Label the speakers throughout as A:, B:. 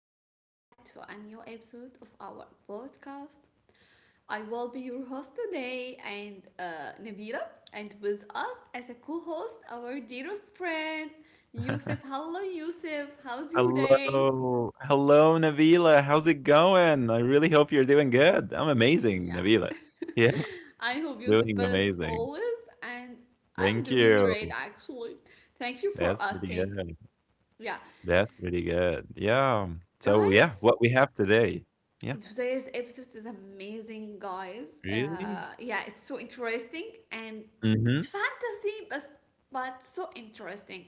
A: welcome back to a new episode of our podcast. I will be your host today, and Nabila, and with us as a co host, our dearest friend, Yusuf. Hello, Yusuf, how's your day?
B: Hello. Hello, Nabila. How's it going? I really hope you're doing good. I'm amazing,
A: Yeah,
B: Nabila. Yeah,
A: I hope you're the
B: doing
A: best
B: amazing.
A: always, and I'm
B: Thank
A: doing
B: you.
A: great actually. Thank you for
B: That's pretty
A: asking.
B: good.
A: Yeah,
B: That's pretty good. Yeah. So, yeah,
A: guys,
B: what we have today. Yeah.
A: today's episode is amazing, guys.
B: Really?
A: Yeah, it's so interesting and
B: Mm-hmm.
A: it's fantasy, but so interesting.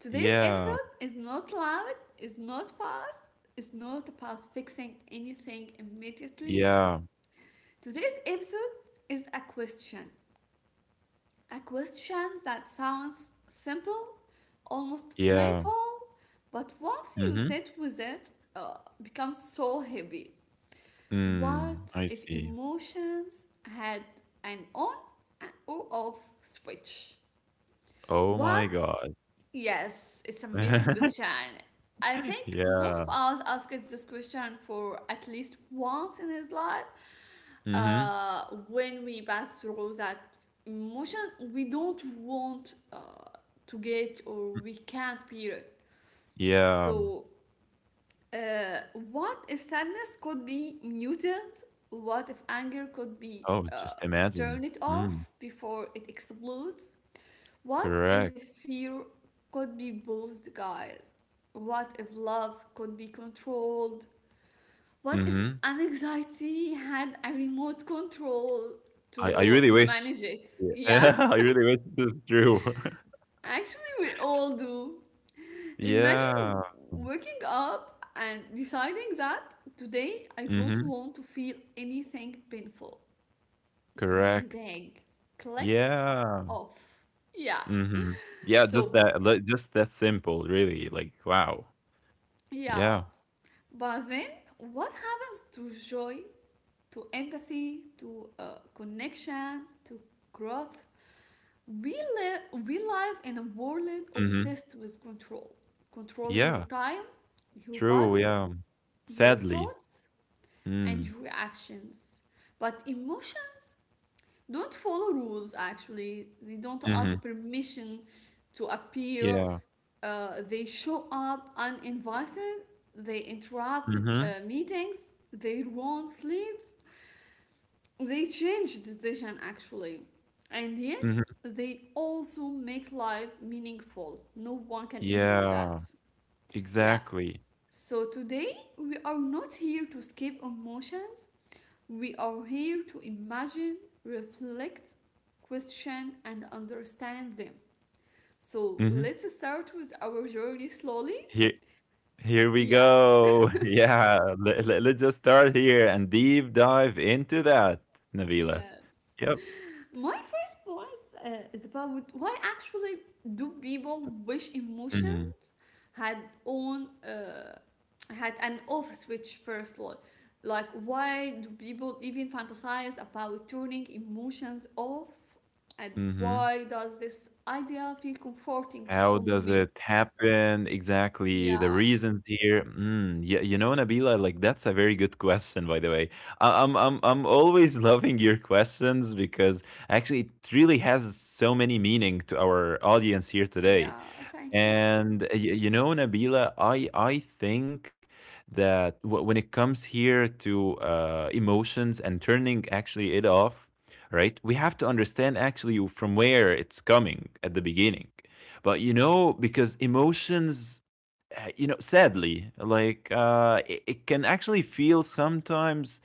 A: Today's
B: Yeah.
A: episode is not loud, is not fast, is not about fixing anything immediately.
B: Yeah.
A: Today's episode is a question. A question that sounds simple, almost
B: Yeah.
A: playful, but once you
B: Mm-hmm.
A: sit with it, becomes so heavy.
B: Mm,
A: What
B: I
A: if
B: see.
A: emotions had an on and or off switch?
B: Oh
A: What?
B: my God.
A: Yes, it's an amazing question. I think most of
B: Yeah.
A: us asked this question for at least once in his life.
B: Mm-hmm.
A: When we pass through that emotion, we don't want to get or we can't bear it.
B: Yeah.
A: So uh, what if sadness could be muted? What if anger could be
B: Oh, just imagine.
A: turned it
B: Mm,
A: off before it explodes? What if
B: correct.
A: fear could be both guys? What if love could be controlled? What if
B: Mhm.
A: anxiety had a remote control
B: I I
A: to
B: really wish
A: manage it?
B: Yeah.
A: Yeah,
B: I really wish this is true.
A: actually, we all do. Imagine
B: Yeah.
A: waking up and deciding that today I don't
B: Mhm.
A: want to feel anything painful. It's
B: Correct.
A: amazing. Click
B: Yeah.
A: off. Yeah.
B: Mhm. Yeah, just
A: So,
B: that li just that simple, really, like, wow. Yeah.
A: yeah. But then what happens to joy, to empathy, to connection, to growth? We live in a world
B: Mhm.
A: obsessed with control. Control your
B: Yeah.
A: time, your
B: True,
A: body,
B: yeah.
A: your
B: Sadly.
A: thoughts, and
B: Mm.
A: reactions. But emotions don't follow rules actually, they don't
B: Mhm.
A: ask permission to appear,
B: Yeah.
A: they show up uninvited, they interrupt
B: Mhm.
A: meetings, they ruin sleeps, they change decision actually. And yet,
B: Mhm.
A: they also make life meaningful. No one can ignore that.
B: Yeah.
A: Yeah.
B: Exactly.
A: So today we are not here to skip emotions. We are here to imagine, reflect, question, and understand them. So
B: Mhm.
A: let's start with our journey slowly.
B: Here, here we
A: Yeah,
B: go. Yeah, us just start here and deep dive into that, Navila.
A: yes.
B: Yep.
A: My first point is about why actually do people wish
B: Hmm.
A: emotions had on had an off switch first, like why do people even fantasize about turning emotions off, and
B: Hmm.
A: why does this idea feel comforting to
B: How
A: so
B: does
A: many?
B: it happen exactly? The
A: Yeah,
B: reasons here. Mm, yeah, you know, Nabila, like that's a very good question, by the way. I'm always loving your questions because actually it really has so many meaning to our audience here today.
A: yeah, thank you.
B: And you know, Nabila, I think that when it comes here to emotions and turning actually it off, right? We have to understand actually from where it's coming at the beginning. But you know, because emotions, you know, sadly, it can actually feel sometimes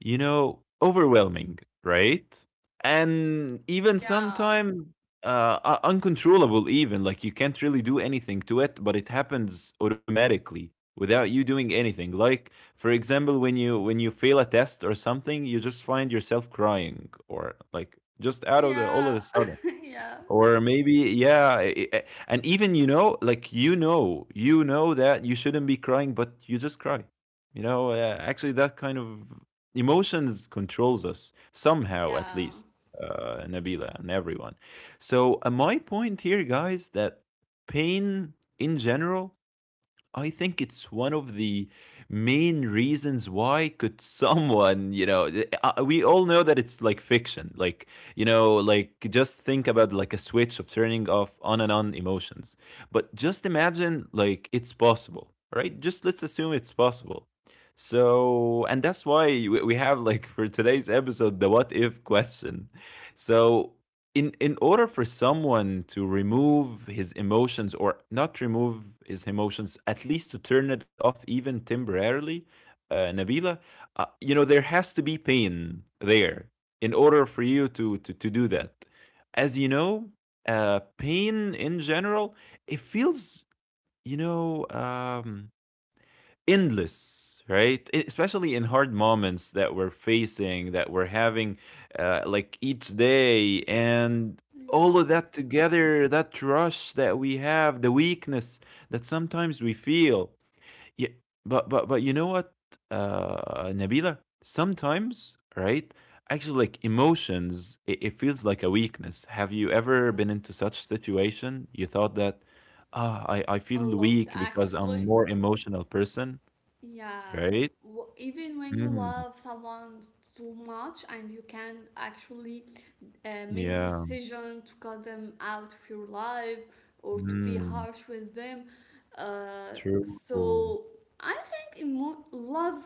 B: you know, overwhelming, right? And even
A: Yeah,
B: sometimes uncontrollable, even like you can't really do anything to it, but it happens automatically without you doing anything. Like, for example, when you fail a test or something, you just find yourself crying or like just out of the all of a
A: yeah.
B: sudden.
A: Yeah,
B: Or maybe, yeah, and even you know, like you know that you shouldn't be crying, but you just cry. You know, actually, that kind of emotions controls us somehow, at
A: yeah,
B: least, Nabila and everyone. So my point here, guys, that pain in general I think it's one of the main reasons why could someone, you know, we all know that it's like fiction. Like, you know, like just think about like a switch of turning off on and on emotions. But just imagine like it's possible, right? Just let's assume it's possible. So, and that's why we have like for today's episode the what if question. So, in order for someone to remove his emotions or not remove his emotions at least to turn it off even temporarily, Nabila, you know there has to be pain there in order for you to do that. As you know, pain in general, it feels, you know, endless, right? Especially in hard moments that we're facing, that we're having, like each day, and all
A: yeah,
B: of that together, that rush that we have, the weakness that sometimes we feel, yeah, but you know what, uh, Nabila, sometimes, right, actually like emotions, it feels like a weakness. Have you ever been into
A: yes,
B: such situation you thought that ah, I
A: a
B: feel
A: lot
B: weak because
A: actually.
B: I'm more emotional person.
A: Yeah,
B: Right?
A: w- even when you
B: Mm,
A: love someone too much and you can actually make
B: yeah.
A: decision to cut them out of your life or to be
B: Mm,
A: harsh with them.
B: true.
A: So I think love,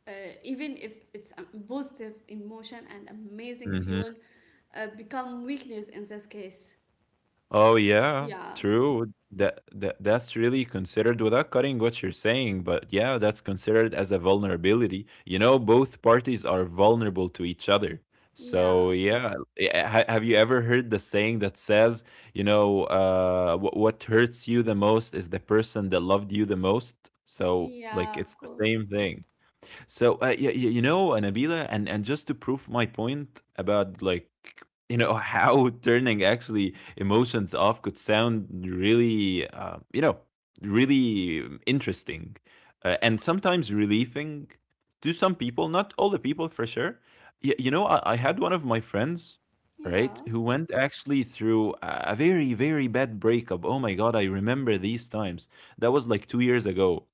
A: uh, even if it's a positive emotion and amazing
B: Mhm.
A: feeling, become weakness in this case.
B: Oh, yeah,
A: Yeah,
B: true. That that's really considered without cutting what you're saying, but yeah, that's considered as a vulnerability. You know, both parties are vulnerable to each other. So
A: yeah,
B: yeah, have you ever heard the saying that says, you know, what hurts you the most is the person that loved you the most? So
A: yeah,
B: like,
A: of
B: it's the
A: course.
B: same thing. So you, you know, Nabila, and just to prove my point about like you know how turning actually emotions off could sound really you know really interesting, and sometimes relieving to some people, not all the people for sure. You know, I had one of my friends, right,
A: Yeah,
B: who went actually through a very, very bad breakup. Oh my God, I remember these times. That was like 2 years ago,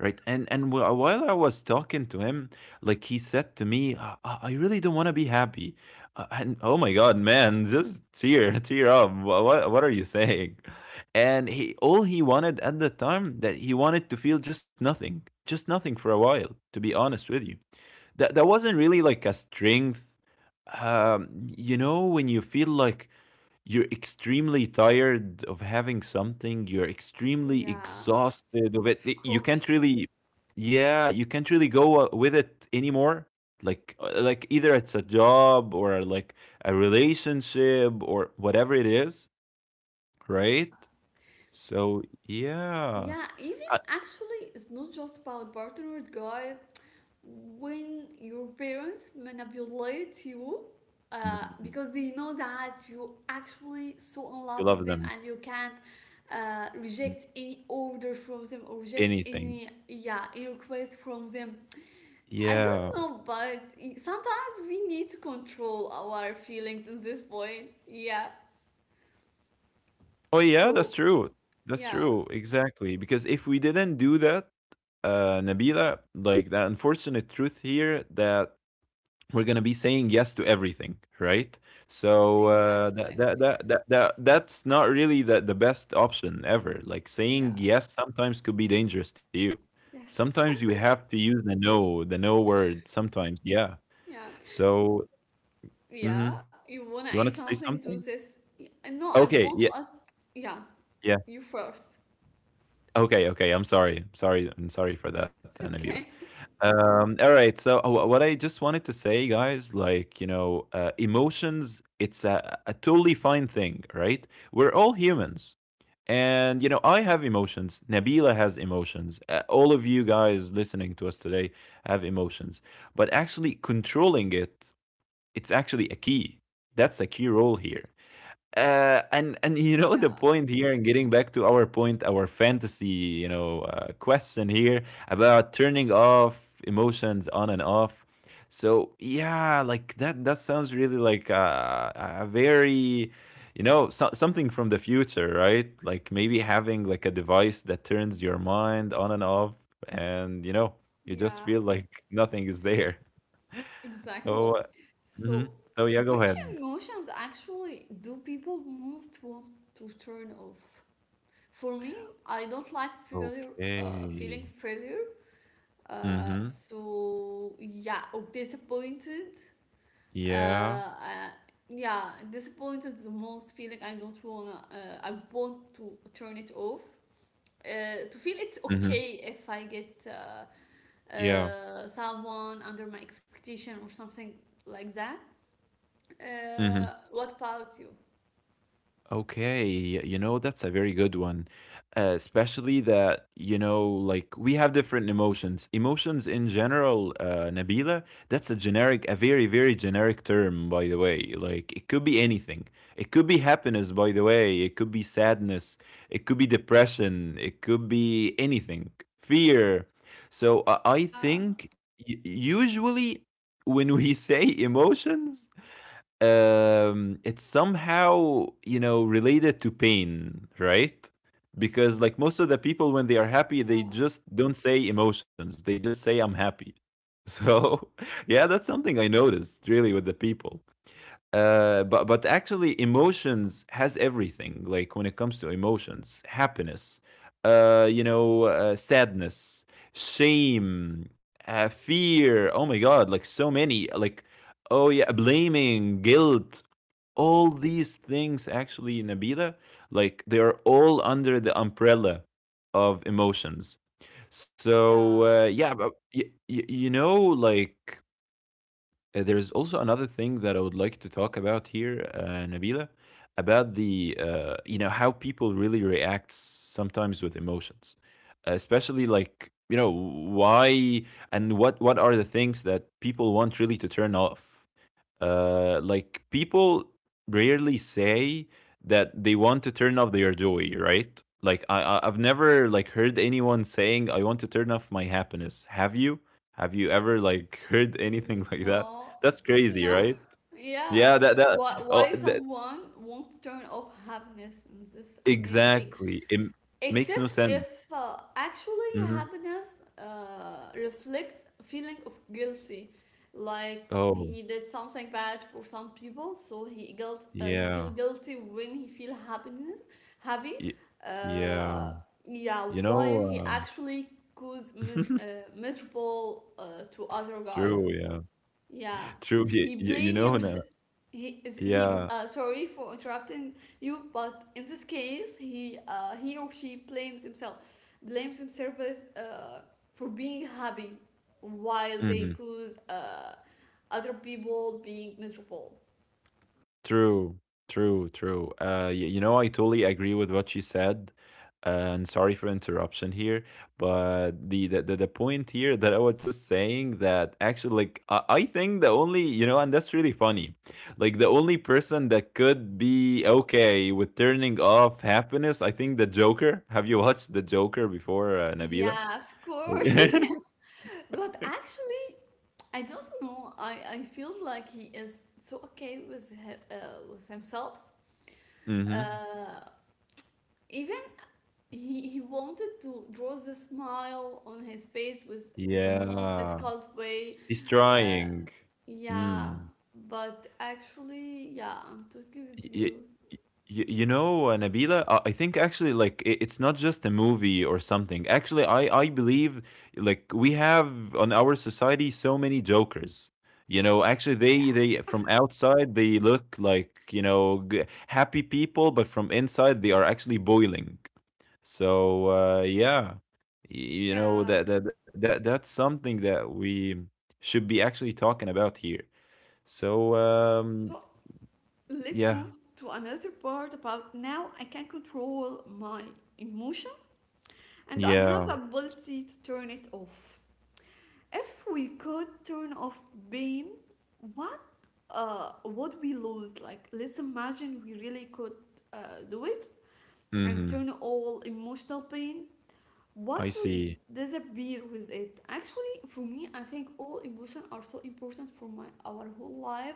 B: right. And while I was talking to him, like he said to me, I really don't want to be happy. And oh my God, man, just tear tear up. What are you saying? And he, all he wanted at the time that he wanted to feel just nothing, just nothing for a while, to be honest with you. That that wasn't really like a strength. Um, you know when you feel like you're extremely tired of having something. You're extremely
A: yeah,
B: exhausted of it.
A: of
B: You can't
A: course.
B: really, yeah, you can't really go with it anymore. Like either it's a job or like a relationship or whatever it is, right? So yeah,
A: Yeah, even
B: I-
A: actually, it's not just about partnered guy. When your parents manipulate you,
B: Mm,
A: because they know that you actually so in
B: you
A: love with
B: love
A: them,
B: them.
A: and you can't reject any order from them or reject
B: Anything.
A: any yeah any request from them. I don't
B: Yeah.
A: know, but sometimes we need to control our feelings in this point. Yeah.
B: Oh yeah, that's
A: So
B: true. That's
A: yeah.
B: true. Exactly. Because if we didn't do that, Nabila, like the unfortunate truth here that we're gonna be saying yes to everything, right?
A: Yes,
B: So
A: exactly.
B: that, that that's not really the best option ever. Like saying
A: Yeah.
B: yes sometimes could be dangerous to you.
A: Yes.
B: Sometimes you have to use the no word. Sometimes, yeah.
A: Yeah. S-
B: So,
A: Yeah.
B: mhm.
A: You wanna
B: You
A: add
B: wanted to say
A: something to
B: something?
A: this? Y- No, I want
B: Okay.
A: to
B: Yeah.
A: ask. Yeah,
B: Yeah.
A: you first.
B: Okay, okay. I'm sorry. Sorry. I'm sorry for that,
A: It's okay.
B: Nabila. All right. So what I just wanted to say, guys, like you know, emotions. It's a totally fine thing, right? We're all humans, and you know, I have emotions. Nabila has emotions. All of you guys listening to us today have emotions, but actually controlling it, it's actually a key. That's a key role here. And you know
A: Yeah.
B: the point here, and getting back to our point, our fantasy, you know, question here about turning off emotions on and off. So yeah, like that that sounds really like a very, you know, so, something from the future, right? Like maybe having like a device that turns your mind on and off, and you know, you
A: Yeah.
B: just feel like nothing is there.
A: Exactly.
B: So,
A: So,
B: mhm. So yeah, go
A: which
B: ahead.
A: emotions actually do people most want to turn off? For me, I don't like failure. Feeling
B: Okay.
A: failure.
B: Mhm.
A: So yeah, or disappointed. Uh,
B: Yeah.
A: yeah, disappointed is the most feeling I don't wanna I want to turn it off, to feel it's
B: Mhm.
A: okay if I get
B: Yeah.
A: someone under my expectation or something like that.
B: Mhm.
A: Uh, what about you?
B: Okay. You know, that's a very good one. Especially that, you know, like we have different emotions. Emotions in general, Nabila, that's a generic, a very, very generic term, by the way. Like it could be anything. It could be happiness, by the way. It could be sadness. It could be depression. It could be anything. Fear. So I
A: Yeah,
B: think usually when we say emotions, um, it's somehow you know related to pain, right? Because like most of the people when they are happy they
A: yeah,
B: just don't say emotions, they just say I'm happy. So yeah, that's something I noticed really with the people. But actually emotions has everything. Like when it comes to emotions, happiness, sadness, shame, fear, oh my God, like so many, like oh yeah, blaming, guilt, all these things actually, Nabila, like they are all under the umbrella of emotions.
A: yeah.
B: So yeah, you know like, there is also another thing that I would like to talk about here, Nabila, about the you know how people really react sometimes with emotions, especially like you know why and what are the things that people want really to turn off. Like people rarely say that they want to turn off their joy, right? Like I've never like heard anyone saying I want to turn off my happiness. Have you? Have you ever like heard
A: Y-
B: anything like that?
A: no,
B: That's crazy,
A: no.
B: right?
A: Yeah,
B: Yeah, that that
A: why
B: oh that
A: someone won't turn off happiness in this amazing thing?
B: exactly. It makes no
A: Except
B: sense.
A: if actually
B: Hmm.
A: happiness reflects a feeling of guilty, like
B: Oh,
A: he did something bad for some people, so he guilt he feel
B: yeah.
A: guilty when he feel happiness happy.
B: Y- yeah.
A: Uh, yeah,
B: You
A: while
B: know,
A: he actually cause miserable to other guys.
B: true, yeah.
A: Yeah,
B: True. You,
A: he
B: you
A: blame
B: know,
A: your
B: na-
A: he is he
B: yeah.
A: sorry for interrupting you, but in this case he or she blames himself, blames himself as, for being happy, while
B: Mm-hmm.
A: they cause. Other people being miserable.
B: True, true, true. You know, I totally agree with what you said. Uh, and sorry for interruption here, but the point here that I was just saying that actually, like, I think the only you know, and that's really funny, like the only person that could be okay with turning off happiness, I think the Joker. Have you watched the Joker before, Nabila?
A: Yeah, of course.
B: Mm-hmm.
A: But actually, I don't know. I feel like he is so okay with with himself. Uh, even he wanted to draw the smile on his face was the most
B: Yeah,
A: difficult way.
B: he's
A: Uh,
B: trying.
A: yeah,
B: Hmm.
A: but actually yeah, I'm totally with
B: Y- y-
A: you.
B: y- you know, Nabila, I think actually, like, it's not just a movie or something. Actually, I believe like we have on our society so many jokers. You know, actually,
A: Yeah.
B: they from outside they look like you know happy people, but from inside they are actually boiling. So yeah, Y- you know
A: Yeah,
B: that that's something that we should be actually talking about here. So
A: yes. So let's
B: yeah,
A: move to another part about now I can control my emotion and I have
B: yeah.
A: the ability to turn it off. If we could turn off pain, what would we lose? Like, let's imagine we really could uh, do it and
B: Mhm.
A: turn all emotional pain. What
B: I
A: would
B: see.
A: disappear with it? Actually, for me, I think all emotions are so important for my our whole life.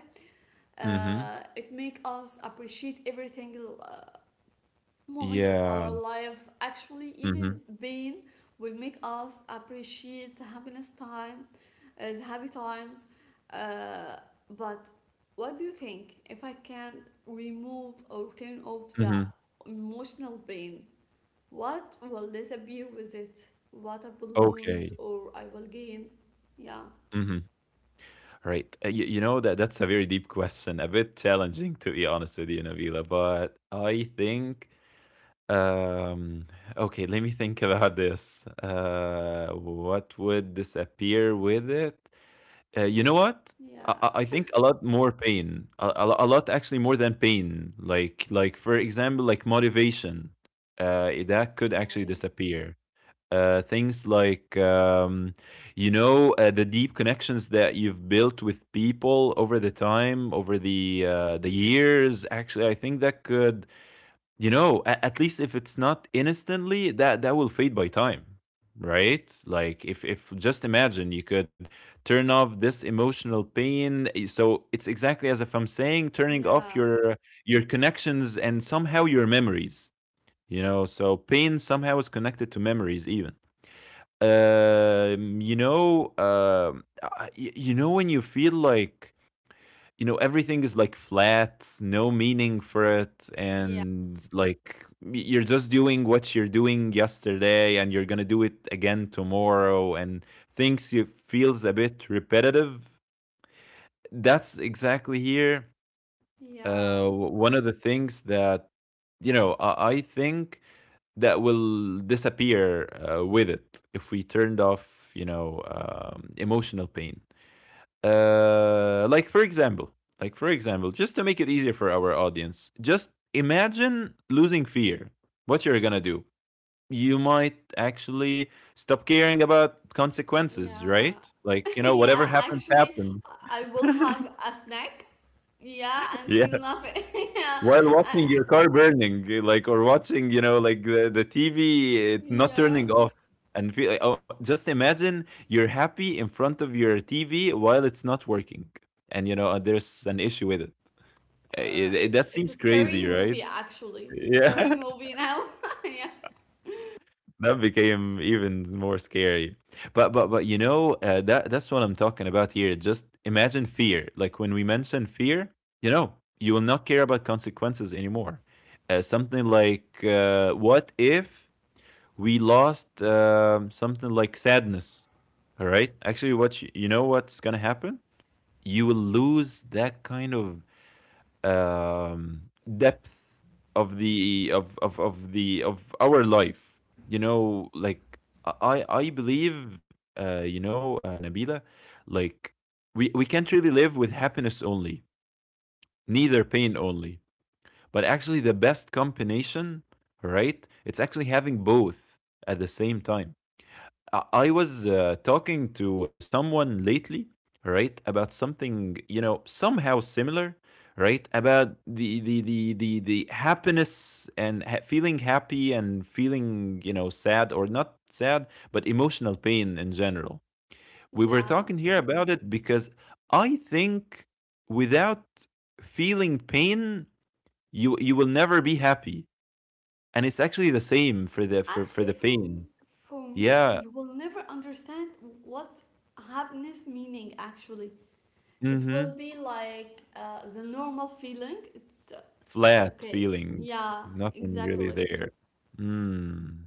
B: Mhm.
A: It make us appreciate everything uh, moment of our
B: Yeah.
A: life, actually even
B: Mhm.
A: pain will make us appreciate the happiness time, the happy times, uh, but what do you think if I can remove or turn off the
B: Mhm.
A: emotional pain? What will disappear with it? What I will lose
B: Okay.
A: or I will gain? Yeah,
B: Mhm. Right. You, you know that that's a very deep question, a bit challenging to be honest with you, Nabila. But I think, um, okay, let me think about this. What would disappear with it? You know what? I,
A: yeah,
B: I I think a lot more pain, a lot, actually more than pain. Like for example, like motivation, that could actually
A: okay,
B: disappear. Things like the deep connections that you've built with people over the time, over the the years. Actually, I think that could, at least, if it's not instantly, that will fade by time, right? Like, if just imagine you could turn off this emotional pain, so it's exactly as if I'm saying turning off
A: yeah,
B: your connections and somehow your memories. You know, so pain somehow is connected to memories even. um you know um uh, you know, when you feel like everything is like flat, no meaning for it,
A: yeah,
B: and like you're just doing what you're doing yesterday, and you're gonna do it again tomorrow, and things, you feels a bit repetitive. That's exactly here. uh
A: yeah.
B: One of the things that, I think, that will disappear with it if we turned off, emotional pain. Uh, like for example, like for example, just to make it easier for our audience, just imagine losing fear. What you're gonna do? You might actually stop caring about consequences,
A: Yeah,
B: right? Like, you know,
A: yeah,
B: whatever happens,
A: actually,
B: happened.
A: I will hug a snack. Yeah, and
B: Yeah.
A: feel nothing. Yeah,
B: While
A: I,
B: watching your car burning, like, or watching, you know, like the TV it not turning
A: yeah.
B: off, and feel, oh, just imagine you're happy in front of your TV while it's not working, and, you know, there's an issue with it. That
A: It's
B: seems
A: a
B: crazy,
A: scary
B: right?
A: movie actually. It's a scary
B: Yeah.
A: movie now. Yeah.
B: That became even more scary. But you know, that's what I'm talking about here. Just imagine fear. Like, when we mention fear, you know, you will not care about consequences anymore. Something like, what if we lost something like sadness? All right. Actually, you know what's gonna happen? You will lose that kind of um, depth of the of the of our life. You know, like, I believe, you know, Nabila, like, we can't really live with happiness only, neither pain only. But actually, the best combination, right? It's actually having both at the same time. I was talking to someone lately, right, about something, you know, somehow similar, right, about the happiness, and feeling happy and feeling, you know, sad or not sad, but emotional pain in general. We were
A: Yeah.
B: talking here about it because I think without feeling pain, you will never be happy, and it's actually the same for the for,
A: Actually,
B: for the pain.
A: for me, you
B: Yeah.
A: will never understand what happiness meaning actually. It will
B: Mm-hmm.
A: be like the normal feeling. It's
B: Flat
A: okay.
B: feeling,
A: Yeah,
B: nothing
A: exactly.
B: really there. Mm,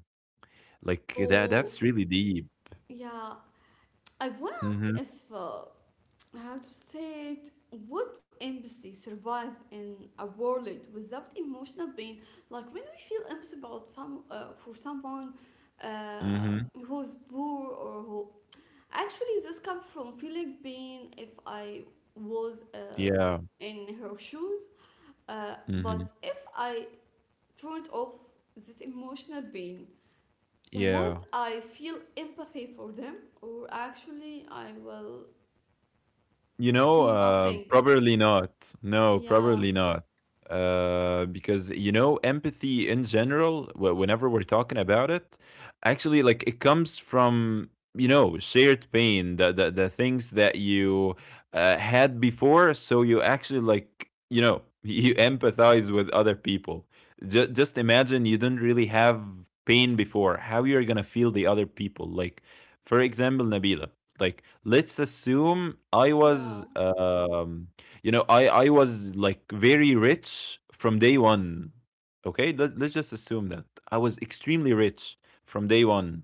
B: like that
A: So,
B: that's really deep.
A: yeah, I want to ask
B: Mhm.
A: if, how to say it, would empathy survive in a world without emotional pain? Like when we feel empathy about some for someone uh,
B: Mhm.
A: who's poor or who actually this comes from feeling pain. If I was
B: Yeah.
A: in her shoes, but
B: Mhm.
A: if I turned off this emotional pain, would
B: Yeah.
A: I feel empathy for them, or actually I will
B: You know,
A: feel nothing.
B: probably not. No,
A: Yeah,
B: probably not. Because you know, empathy in general, whenever we're talking about it, actually, like, it comes from, you know, shared pain, the things that you had before, so you actually, like, you know, you empathize with other people. Just imagine you didn't really have pain before, how you're gonna feel the other people. Like, for example, Nabila, like, let's assume I
A: yeah,
B: was you know I was like very rich from day one. Okay. Let's just assume that I was extremely rich from day one.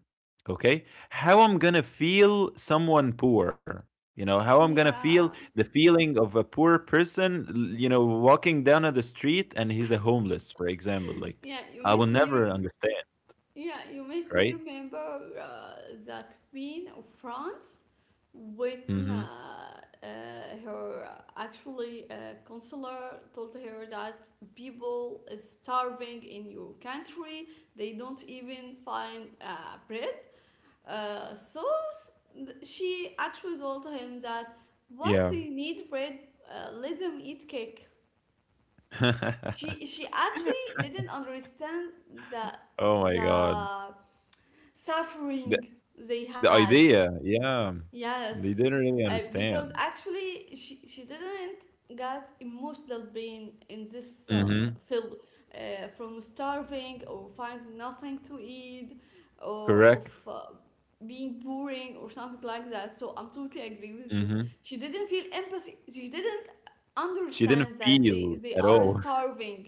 B: Okay. How I'm gonna feel someone poor? You know, how I'm gonna feel
A: yeah,
B: the feeling of a poor person, walking down on the street, and he's a homeless, for example, like,
A: yeah. You
B: I will
A: made me.
B: never understand,
A: Yeah, you made me
B: right?
A: remember the Queen of France when uh,
B: Mm-hmm.
A: uh, her actually consular told her that people is starving in your country. They don't even find bread. So th- she actually told him that why
B: Yeah.
A: they need bread. Let them eat cake. she she actually didn't understand the
B: Oh my God.
A: the suffering they
B: The
A: had.
B: idea, yeah.
A: Yes,
B: They didn't really
A: because
B: understand.
A: actually she didn't get emotional pain in this
B: Mhm.
A: film, from starving or finding nothing to eat, or
B: Correct.
A: of being boring or something like that, so I'm totally agree with you.
B: Mhm.
A: She didn't feel empathy, she didn't
B: She
A: understand
B: didn't
A: that
B: feel
A: they
B: at
A: are
B: all.
A: starving.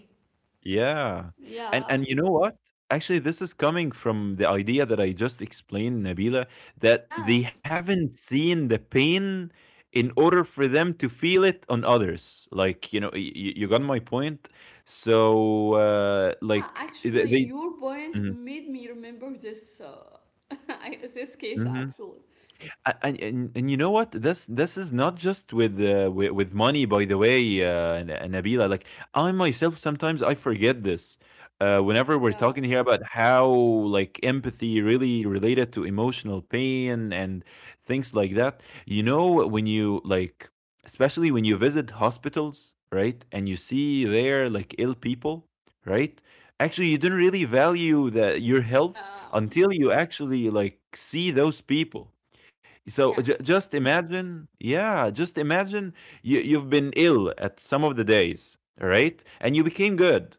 B: Yeah. And
A: Yeah,
B: and you know what? Actually, this is coming from the idea that I just explained, Nabila, that they
A: yes.
B: haven't seen the pain in order for them to feel it on others. Like, you know, you got my point? So,
A: Yeah,
B: like,
A: actually,
B: they.
A: your point
B: Mhm.
A: made me remember this this case
B: Mhm.
A: actually.
B: And you know what, this is not just with with money, by the way, Nabila, like, I myself sometimes I forget this, whenever we're
A: Yeah.
B: talking here about how, like, empathy really related to emotional pain, and things like that. You know, when you, like, especially when you visit hospitals, right, and you see there like ill people, right, actually you don't really value that your health
A: Yeah.
B: until you actually, like, see those people. So ju
A: Yes.
B: just imagine, yeah, just imagine you've been ill at some of the days, all right? And you became good,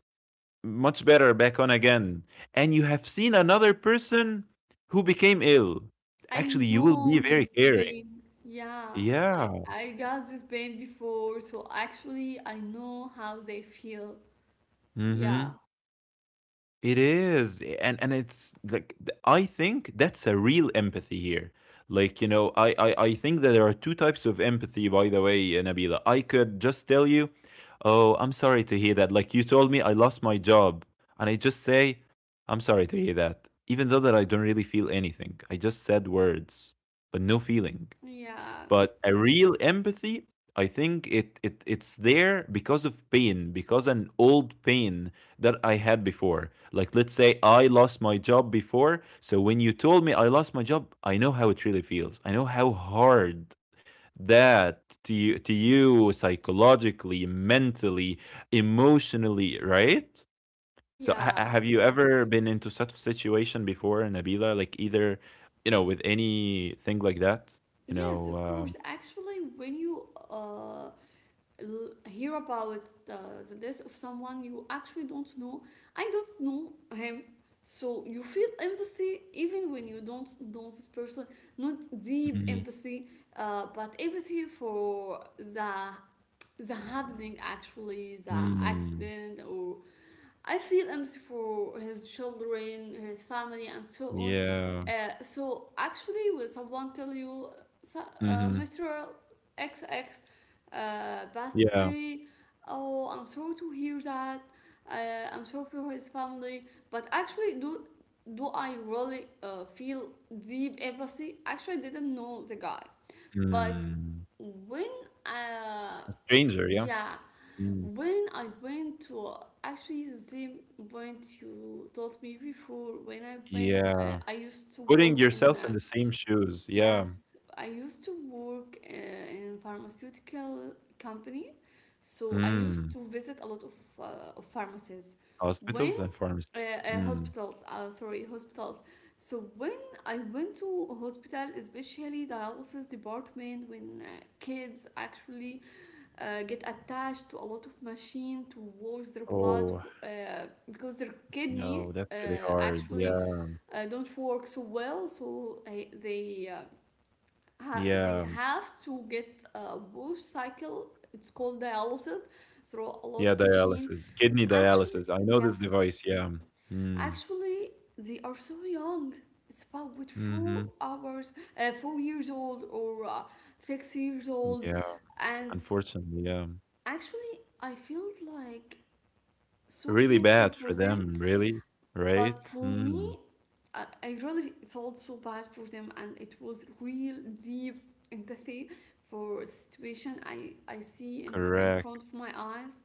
B: much better back on again. And you have seen another person who became ill.
A: I
B: Actually, you will be
A: know
B: very
A: his
B: caring.
A: pain. Yeah,
B: Yeah.
A: I got this pain before, so actually I know how they feel. Yeah.
B: Mhm. It is, and it's like, I think that's a real empathy here. Like, you know, I think that there are two types of empathy. By the way, Nabila, I could just tell you, oh, I'm sorry to hear that. Like, you told me, I lost my job, and I just say, I'm sorry to hear that, even though that I don't really feel anything. I just said words, but no feeling.
A: Yeah.
B: But a real empathy, I think it's there because of pain, because an old pain that I had before. Like, let's say I lost my job before, so when you told me I lost my job, I know how it really feels. I know how hard that to you, psychologically, mentally, emotionally, right? So
A: Yeah.
B: have you ever been into such a situation before, Nabila? Like, either, you know, with anything like that, you
A: Yes,
B: know,
A: of course. Actually, when you hear about the death of someone you actually don't know. I don't know him. So you feel empathy even when you don't know this person. Not deep
B: Mhm.
A: empathy, but empathy for the happening actually, the
B: Mm.
A: accident or I feel empty for his children, his family, and so on.
B: Yeah.
A: So actually, when someone tell you, "So-
B: Mhm.
A: Mr. X, X passed
B: Yeah.
A: away, oh, I'm sorry to hear that. I'm sorry for his family, but actually, do I really feel deep empathy?" Actually, I didn't know the guy, but
B: Mm.
A: when uh,
B: A stranger, yeah.
A: yeah
B: Mm.
A: when I went to actually the same point you told me before, when I went,
B: Yeah.
A: I used to
B: Putting
A: work in,
B: yourself in the same shoes. Yeah.
A: yes, I used to work in pharmaceutical company, so I used
B: Mm.
A: to visit a lot of pharmacies. When
B: Hospitals and pharmacy. Mm.
A: hospitals sorry, hospitals. So when I went to a hospital, especially dialysis department, when kids actually get attached to a lot of machine to wash their blood
B: Oh,
A: for, because their kidney
B: no, that's really hard. Yeah.
A: actually don't work so well, so they they
B: Yeah.
A: have to get a wash cycle, it's called dialysis, through a lot
B: Yeah,
A: of machine
B: dialysis. Kidney
A: actually.
B: dialysis. I know this
A: Yes.
B: device. Yeah. Mm.
A: Actually, they are so young. It's about with four
B: Mhm.
A: hours, 4 years old or 6 years
B: Yeah.
A: old, and
B: Unfortunately, yeah.
A: actually, I feel like so
B: Really
A: painful
B: bad
A: for
B: for
A: them.
B: them, really, right?
A: But for
B: Mm.
A: me, I really felt so bad for them, and it was real deep empathy for situation I see in
B: Correct.
A: front of my eyes,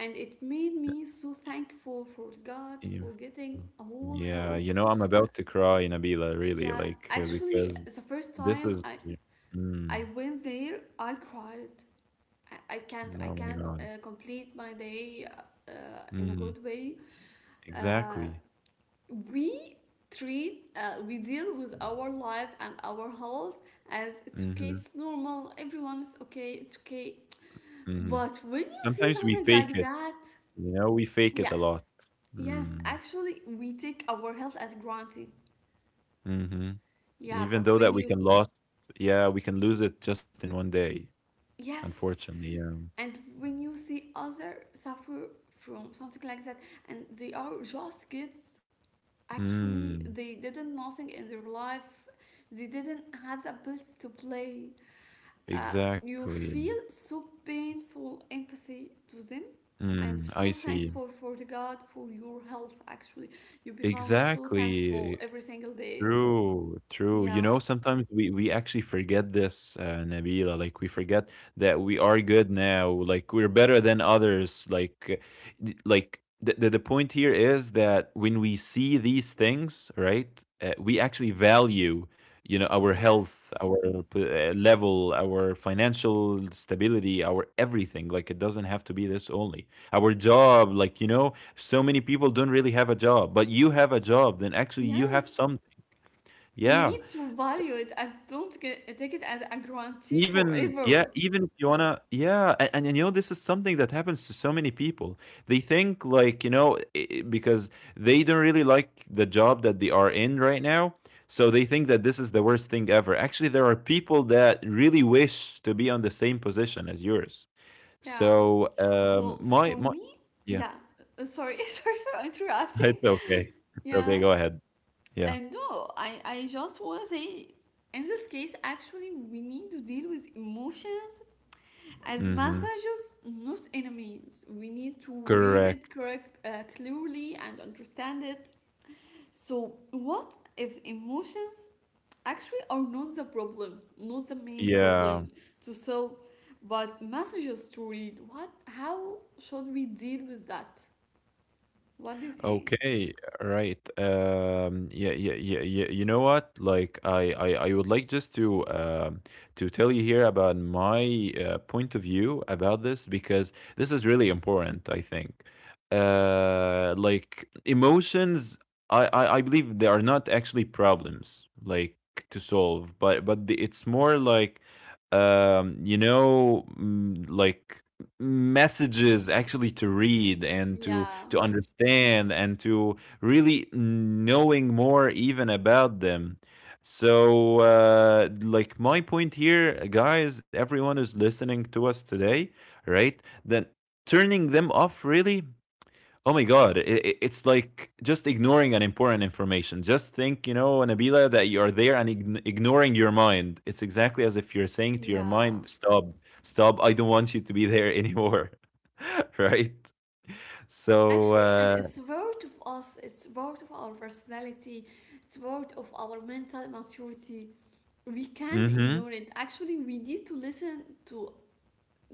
A: and it made me so thankful for God
B: Yeah.
A: for getting
B: Mm.
A: a whole
B: Yeah, you
A: health.
B: know, I'm about to cry, Nabila, really,
A: Yeah,
B: like,
A: actually,
B: because
A: the first
B: this
A: time
B: is,
A: I
B: mm,
A: I went there, I cried. I, I can't I
B: oh my
A: can't
B: God.
A: complete my day uh, in a
B: Hmm.
A: good way. Uh,
B: Exactly.
A: we treat we deal with our life and our health as it's okay,
B: Hmm.
A: it's normal, everyone's okay, it's okay.
B: Hmm.
A: But when you see
B: Sometimes we
A: something
B: fake
A: like
B: it,
A: that,
B: you know, we fake it
A: yeah,
B: a lot.
A: yes,
B: Mm.
A: actually, we take our health as granted.
B: Hmm.
A: Yeah,
B: Even
A: but
B: though
A: when
B: that we
A: you
B: can lost, yeah, we can lose it just in one day,
A: yes
B: unfortunately. Yeah.
A: And when you see other suffer from something like that, and they are just kids, actually
B: Mm,
A: they didn't nothing in their life, they didn't have the ability to play, uh, you
B: exactly.
A: feel so painful empathy to them, and
B: Mm,
A: so
B: I see.
A: thankful for the god for your health. Actually you become so thankful
B: Exactly.
A: every single day.
B: True, true. You
A: Yeah,
B: know, sometimes we actually forget this, Nabila. Like, we forget that we are good now. Like, we're better than others. Like, like the point here is that when we see these things, right, we actually value, you know, our health,
A: yes,
B: our level, our financial stability, our everything. Like, it doesn't have to be this only. Our job, like, you know, so many people don't really have a job, but you have a job, then actually you have
A: yes.
B: some.
A: You
B: Yeah.
A: need to
B: S
A: value it and don't get, take it as a guarantee
B: even yeah,
A: forever.
B: even if you wanna, you know, this is something that happens to so many people. They think, like, you know, I because they don't really like the job that they are in right now, so they think that this is the worst thing ever. Actually, there are people that really wish to be on the same position as yours.
A: Yeah.
B: So,
A: So
B: my
A: for
B: my
A: me,
B: yeah,
A: yeah. Sorry, sorry for interrupting.
B: it's okay. It's okay,
A: Yeah.
B: go ahead. Yeah.
A: And no, I just want to say, in this case, actually, we need to deal with emotions as
B: Mhm.
A: messages, not enemies. We need to read it
B: Correct.
A: correct, clearly and understand it. So, what if emotions actually are not the problem, not the main
B: Yeah.
A: problem to sell, but messages to read. What? How should we deal with that? What do you think?
B: Okay, right. Yeah, yeah, yeah, yeah. You know what? Like, I would like just to tell you here about my point of view about this, because this is really important, I think. Like, emotions, I believe, they are not actually problems, like, to solve, but it's more like, you know, like, messages actually, to read and to
A: Yeah,
B: to understand and to really knowing more even about them. So, like, my point here, guys, everyone is listening to us today, right? Then turning them off, really. Oh my God, it's like just ignoring an important information. Just think, you know, Nabila, that you are there and ignoring your mind. It's exactly as if you're saying to your
A: yeah.
B: mind, stop, stop, I don't want you to be there anymore, right? So,
A: Actually, and
B: uh,
A: it's part of us. It's part of our personality. It's part of our mental maturity. We can't
B: Mhm.
A: ignore it. Actually, we need to listen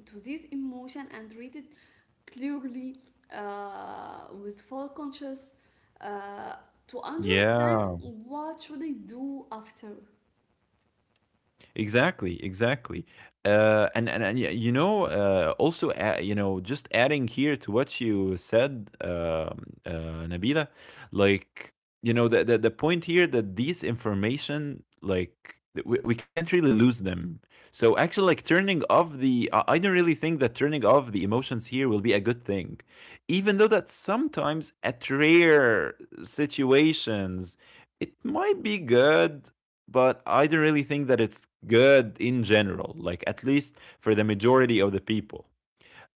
A: to this emotion and read it clearly with full conscious uh, to understand
B: Yeah.
A: what should I do after.
B: Exactly, exactly. You know, also, you know, just adding here to what you said, Nabila, like, you know, the point here, that these information, like we can't really lose them. So actually, like turning off I don't really think that turning off the emotions here will be a good thing, even though that sometimes at rare situations it might be good, but I don't really think that it's good in general, like at least for the majority of the people.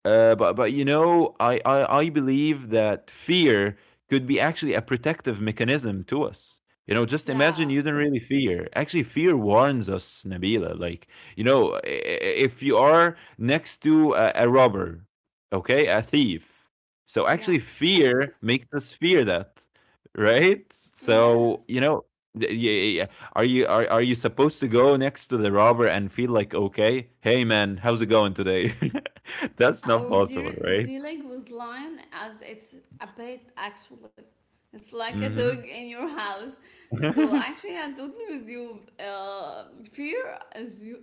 B: But you know, I believe that fear could be actually a protective mechanism to us. You know, just imagine
A: Yeah.
B: you don't really fear. Actually, fear warns us, Nabila. Like you know, if you are next to a robber, okay, a thief. So actually,
A: Yes.
B: fear makes us fear that, right? So
A: Yes.
B: you know, yeah, yeah, yeah, are you are you supposed to go next to the robber and feel like okay? Hey man, how's it going today? That's
A: Yeah,
B: not
A: or
B: possible, right?
A: dealing with lion as it's a pet actually. It's like a dog
B: Mhm.
A: in your house. So actually, I'm totally with you. Fear is you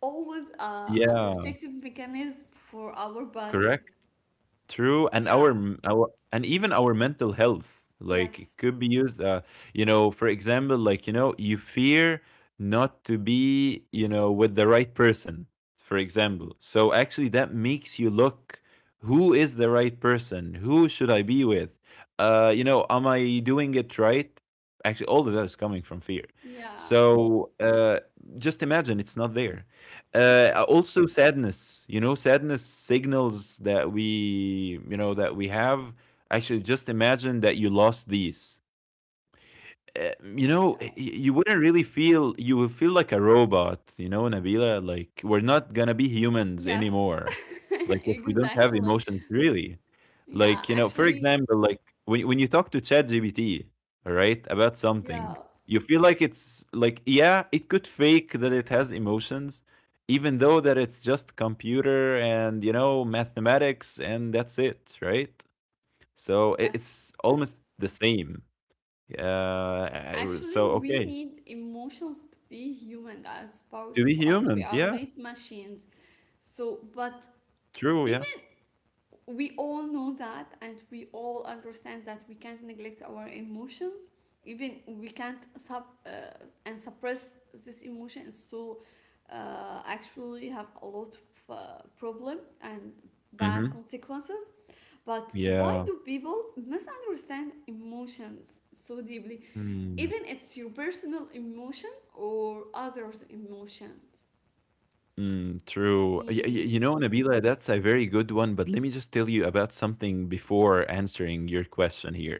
A: always a
B: Yeah,
A: protective mechanism for our bodies.
B: correct. True, and
A: Yeah.
B: our m- our and even our mental health, like it
A: Yes.
B: could be used. You know, for example, like you know, you fear not to be, you know, with the right person. For example, so actually that makes you look who is the right person, who should I be with? You know, am I doing it right? Actually, all of that is coming from fear.
A: Yeah.
B: So just imagine it's not there.
A: Yeah.
B: Also sadness, you know, sadness signals that we, you know, that we have. Actually, just imagine that you lost these. Uh, you know,
A: Yeah.
B: you wouldn't really feel. You will feel like a robot, you know, Nabila. Like we're not gonna be humans
A: Yes.
B: anymore. Like if we don't have
A: Exactly.
B: emotions, really.
A: Yeah.
B: Like, you know, for
A: Actually,
B: example, like when you talk to ChatGPT, all right, about something,
A: yeah.
B: you feel like it's like, yeah, it could fake that it has emotions, even though that it's just computer and, you know, mathematics and that's it, right? So
A: Yes.
B: it's almost the same. I w- so
A: Actually,
B: okay,
A: we need emotions to be human, guys.
B: to be
A: Part of us.
B: humans,
A: We are
B: yeah,
A: not machines. So, but
B: true, yeah.
A: even we all know that and we all understand that we can't neglect our emotions, even we can't sub and suppress this emotion so actually have a lot of problem and bad
B: Mm-hmm.
A: consequences. But why
B: Yeah.
A: do people misunderstand emotions so deeply,
B: Hmm.
A: even it's your personal emotion or others emotion?
B: Mm, true.
A: Mm,
B: You know, Nabila, that's a very good one, but let me just tell you about something before answering your question here,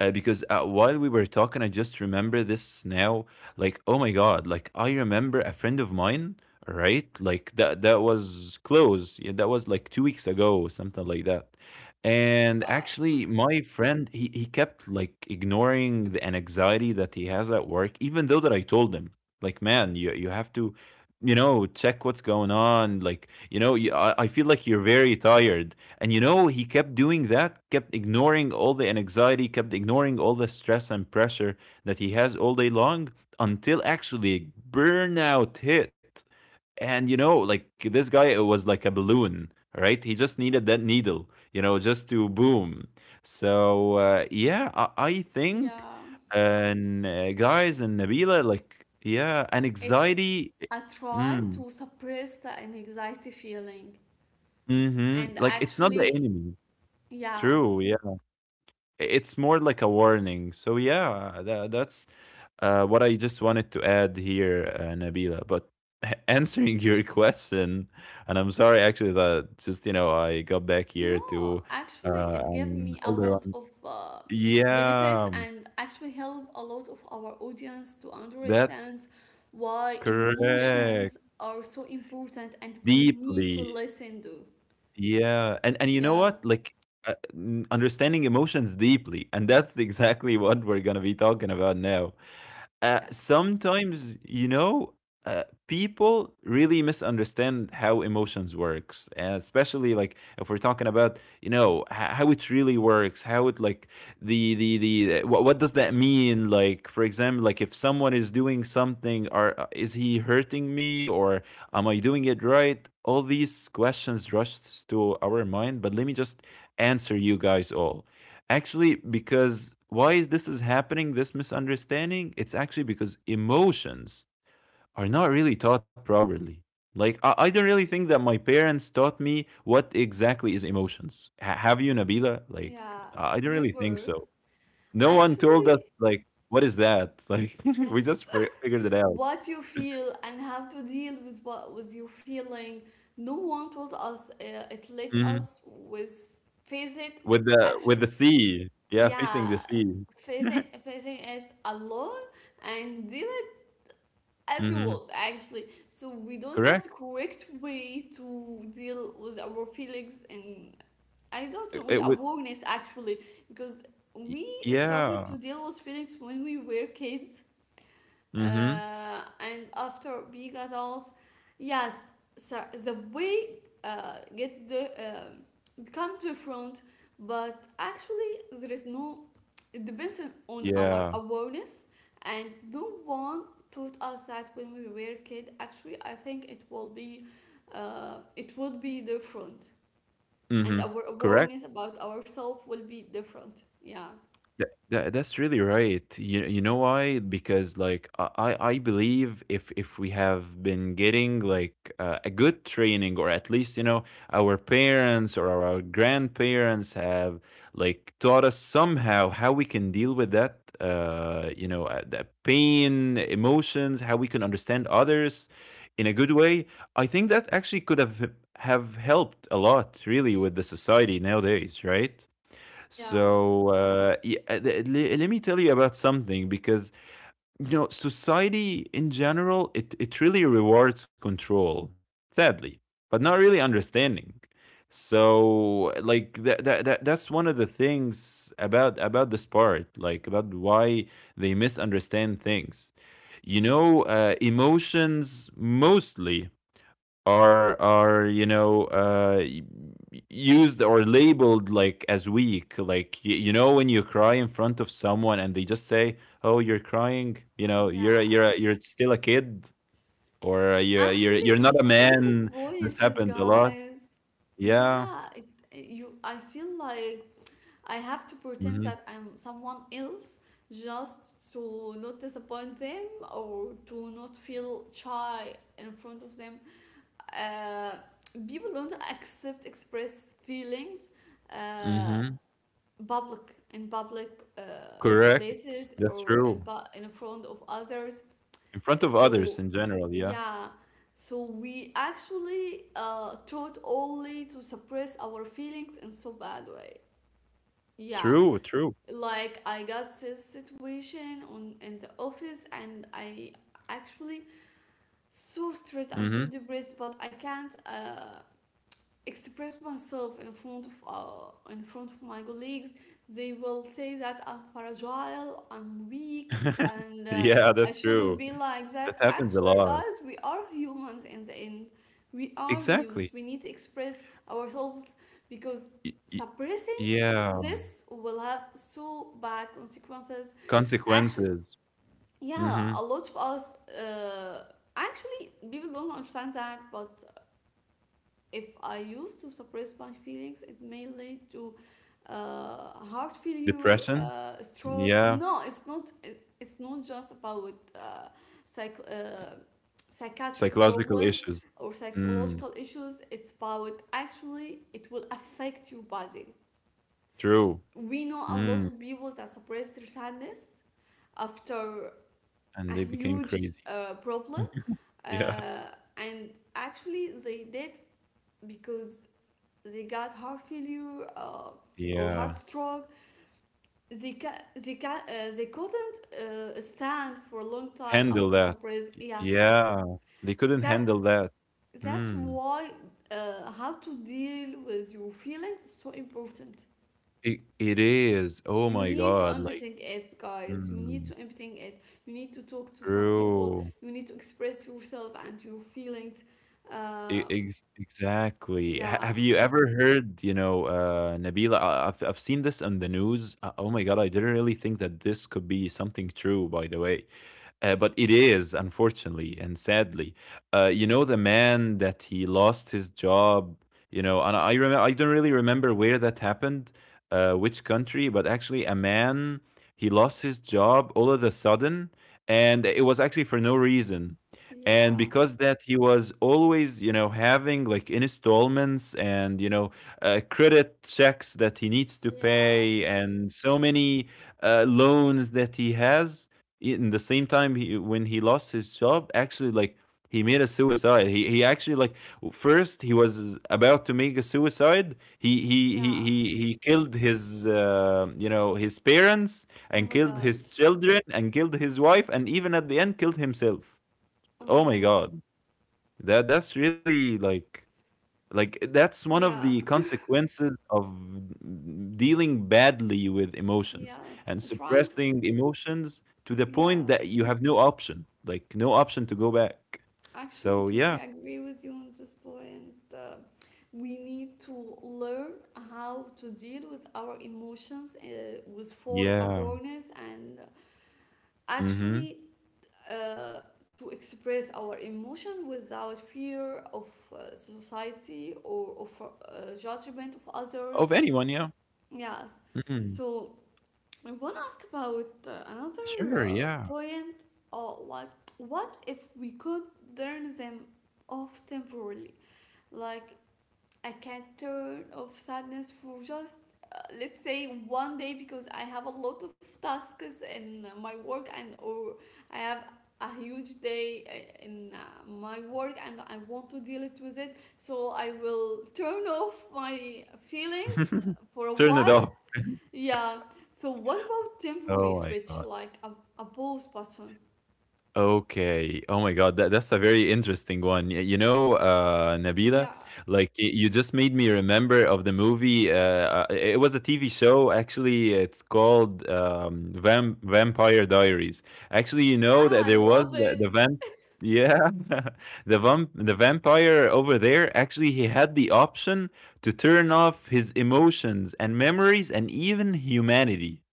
B: because while we were talking, I just remember this now. Like, oh my god! Like, I remember a friend of mine, right? Like that was close. Yeah, that was like 2 weeks ago, something like that. And
A: wow.
B: actually, my friend, he kept like ignoring the anxiety that he has at work, even though that I told him, like, man, you have to. You know, check what's going on. Like, you know, I feel like you're very tired, and you know, he kept doing that, kept ignoring all the anxiety, kept ignoring all the stress and pressure that he has all day long until actually burnout hit. And you know, like this guy it was like a balloon, right? He just needed that needle, you know, just to boom. So yeah, I think,
A: Yeah,
B: and guys,
A: it's
B: and Nabila, like yeah, and
A: it's
B: anxiety,
A: I try
B: mm,
A: to suppress the anxiety feeling. And
B: like it's not the
A: actually,
B: enemy.
A: yeah,
B: True, yeah. It's more like a warning. So yeah, that's what I just wanted to add here, Nabila. But answering your question, and I'm sorry actually that just you know I got back here
A: no,
B: to
A: actually,
B: uh,
A: it gave
B: an
A: me a
B: older
A: lot
B: one.
A: of benefits
B: Yeah,
A: and actually helped a lot of our audience to
B: that's
A: understand why
B: correct.
A: emotions are so important and we need to
B: Deeply.
A: listen to.
B: Yeah, and you know
A: Yeah,
B: what? Like, understanding emotions deeply, and that's exactly what we're gonna be talking about now.
A: yes.
B: Sometimes, you know, people really misunderstand how emotions works, and especially like if we're talking about, you know, how it really works, how it like what does that mean? Like, for example, like if someone is doing something, are is he hurting me? Or am I doing it right? All these questions rushed to our mind, but let me just answer you guys all. Actually, because why is this is happening, this misunderstanding? It's actually because emotions are not really taught properly. Like I don't really think that my parents taught me what exactly is emotions. Have you, Nabila? Like
A: Yeah,
B: I don't really think
A: never.
B: so. No one told us
A: Actually,
B: like what is that. Like we
A: yes.
B: just figured it out.
A: What you feel and how to deal with what was you feeling. No one told us. It let
B: Mm-hmm.
A: us with face it.
B: With the
A: Actually,
B: sea. Yeah, facing
A: yeah,
B: the sea.
A: facing facing it alone and deal it as you
B: Mhm.
A: want. Actually, so we don't have the
B: Correct?
A: correct way to deal with our feelings, and I don't know with
B: It would
A: awareness actually, because
B: y
A: we started
B: yeah.
A: to deal with feelings when we were kids,
B: Mhm.
A: and after being adults, yes, so the way get the become different, but actually there is no, it depends on our
B: Yeah.
A: awareness, and no one taught us that when we were kid. Actually I think it will be, it would be different, and
B: Mhm.
A: our
B: Correct?
A: awareness about ourselves will be different. Yeah,
B: That's really right. You know why? Because like I believe if we have been getting like a good training, or at least you know our parents or our grandparents have like taught us somehow how we can deal with that the pain, emotions, how we can understand others in a good way, I think that actually could have helped a lot really with the society nowadays, right?
A: yeah,
B: So let me tell you about something, because you know society in general, it really rewards control, sadly, but not really understanding. So like that's one of the things about this part, like about why they misunderstand things. You know, emotions mostly are you know used or labeled like as weak, like you know, when you cry in front of someone and they just say, oh you're crying, you know, you're
A: yeah.
B: you're you're still a kid, or You're you're
A: Actually,
B: not a
A: it's
B: man." This
A: disappointed,
B: happens a lot.
A: guys.
B: Yeah.
A: Yeah, it, you. I feel like I have to pretend
B: Hmm.
A: that I'm someone else just to not disappoint them, or to not feel shy in front of them. Uh, People don't accept express feelings uh,
B: Hmm.
A: public in public
B: Correct,
A: places,
B: that's
A: or in,
B: true.
A: in front of others.
B: In front of others
A: So,
B: in general, yeah.
A: yeah, so we actually taught only to suppress our feelings in so bad way. Yeah,
B: True, true.
A: like I got this situation on in the office, and I actually so stressed and
B: Hmm.
A: so depressed, but I can't. Express myself in front of my colleagues. They will say that I'm fragile, I'm weak, and
B: Yeah,
A: I
B: that's
A: shouldn't
B: true.
A: be like
B: That
A: that.
B: happens a
A: Actually
B: lot.
A: guys, we are humans in the end, we are
B: Exactly.
A: humans, we need to express ourselves, because
B: Y- y-
A: suppressing
B: yeah.
A: this will have so bad consequences. Actually,
B: Consequences.
A: yeah,
B: Mhm.
A: a lot of us, uh, actually people don't understand that. But if I used to suppress my feelings, it may lead to heart failure,
B: Depression?
A: stroke.
B: Yeah.
A: No, it's not. It's not just about psych, uh, psychiatric
B: Psychological
A: problems
B: issues.
A: or
B: Mm.
A: psychological issues. It's about actually it will affect your body.
B: True.
A: We know a lot
B: Mm.
A: of people that suppress their sadness after
B: And
A: a
B: they became
A: huge
B: crazy.
A: problem,
B: Yeah.
A: uh, and actually they did because they got heart failure or heart
B: Yeah.
A: stroke. They ca- they ca- they couldn't stand for a long time
B: Handle
A: after
B: that.
A: surprise. Yes,
B: Yeah. They couldn't
A: that's
B: handle that.
A: that's
B: Mm.
A: why how to deal with your feelings is so important.
B: It is. Oh
A: You
B: my
A: need to
B: God.
A: empathize
B: Like,
A: it, guys. You need
B: mm,
A: to empathize it. You need to talk to some people.
B: true.
A: You need to express yourself and your feelings.
B: E-
A: Uh,
B: Ex Exactly. Ha
A: yeah,
B: Have you ever heard, you know, Nabila? I've seen this on the news. Oh my God. I didn't really think that this could be something true, by the way. But it is, unfortunately and sadly. You know, the man that he lost his job, you know, and I remember, I don't really remember where that happened, which country, but actually, a man, he lost his job all of a sudden, and it was actually for no reason. And
A: yeah,
B: because that he was always, you know, having like installments and, you know, credit checks that he needs to
A: yeah,
B: pay, and so many loans that he has, in the same time when he lost his job, actually like he made a suicide. He actually like first he was about to make a suicide.
A: yeah.
B: He killed his you know, his parents,
A: Oh
B: and
A: my
B: killed
A: God.
B: his children, and killed his wife, and even at the end killed himself.
A: Oh
B: Oh
A: my
B: my
A: God.
B: god, that's really like, that's one of the
A: Yeah.
B: consequences of dealing badly with emotions
A: Yes.
B: and
A: Trying.
B: suppressing emotions to the
A: Yeah.
B: point that you have no option, like no option to go back.
A: Actually,
B: So
A: totally
B: yeah,
A: agree with you on this point. We need to learn how to deal with our emotions with full
B: yeah,
A: awareness, and
B: hmm,
A: actually uh, to express our emotion without fear of society, or of judgment of others.
B: of anyone, yeah.
A: Yes.
B: Mhm.
A: So I want to ask about another
B: Sure, yeah.
A: point. Like, what if we could turn them off temporarily? Like, I can't turn off sadness for just, let's say, one day, because I have a lot of tasks in my work, and or I have a huge day in my work and I want to deal it with it. So I will turn off my feelings for a
B: Turn it
A: while,
B: off.
A: yeah. So what about temporary
B: Oh my god.
A: switch, like a pause button?
B: Okay. Oh my God, that's a very interesting one. You know, Nabila,
A: Yeah.
B: like you just made me remember of the movie. It was a TV show, actually. It's called Vampire Diaries. Actually, you
A: Yeah,
B: know that there
A: I
B: was
A: love
B: the
A: it.
B: vamp. Yeah, the vampire over there. Actually, he had the option to turn off his emotions and memories and even humanity.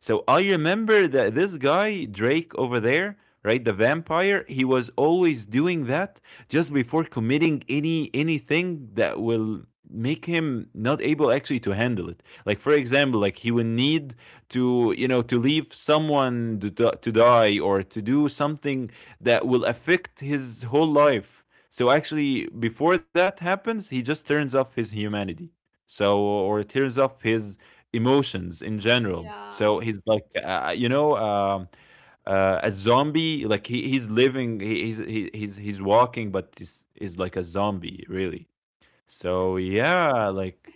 B: So I remember that this guy, Drake over there, right, the vampire, he was always doing that just before committing anything that will make him not able actually to handle it. Like for example, like he would need to, you know, to leave someone to die, or to do something that will affect his whole life. So actually before that happens, he just turns off his humanity, so, or turns off his emotions in general.
A: Yeah.
B: So he's like, you know, a zombie. Like he's living, he's walking, but is like a zombie, really. So
A: Yes.
B: yeah, like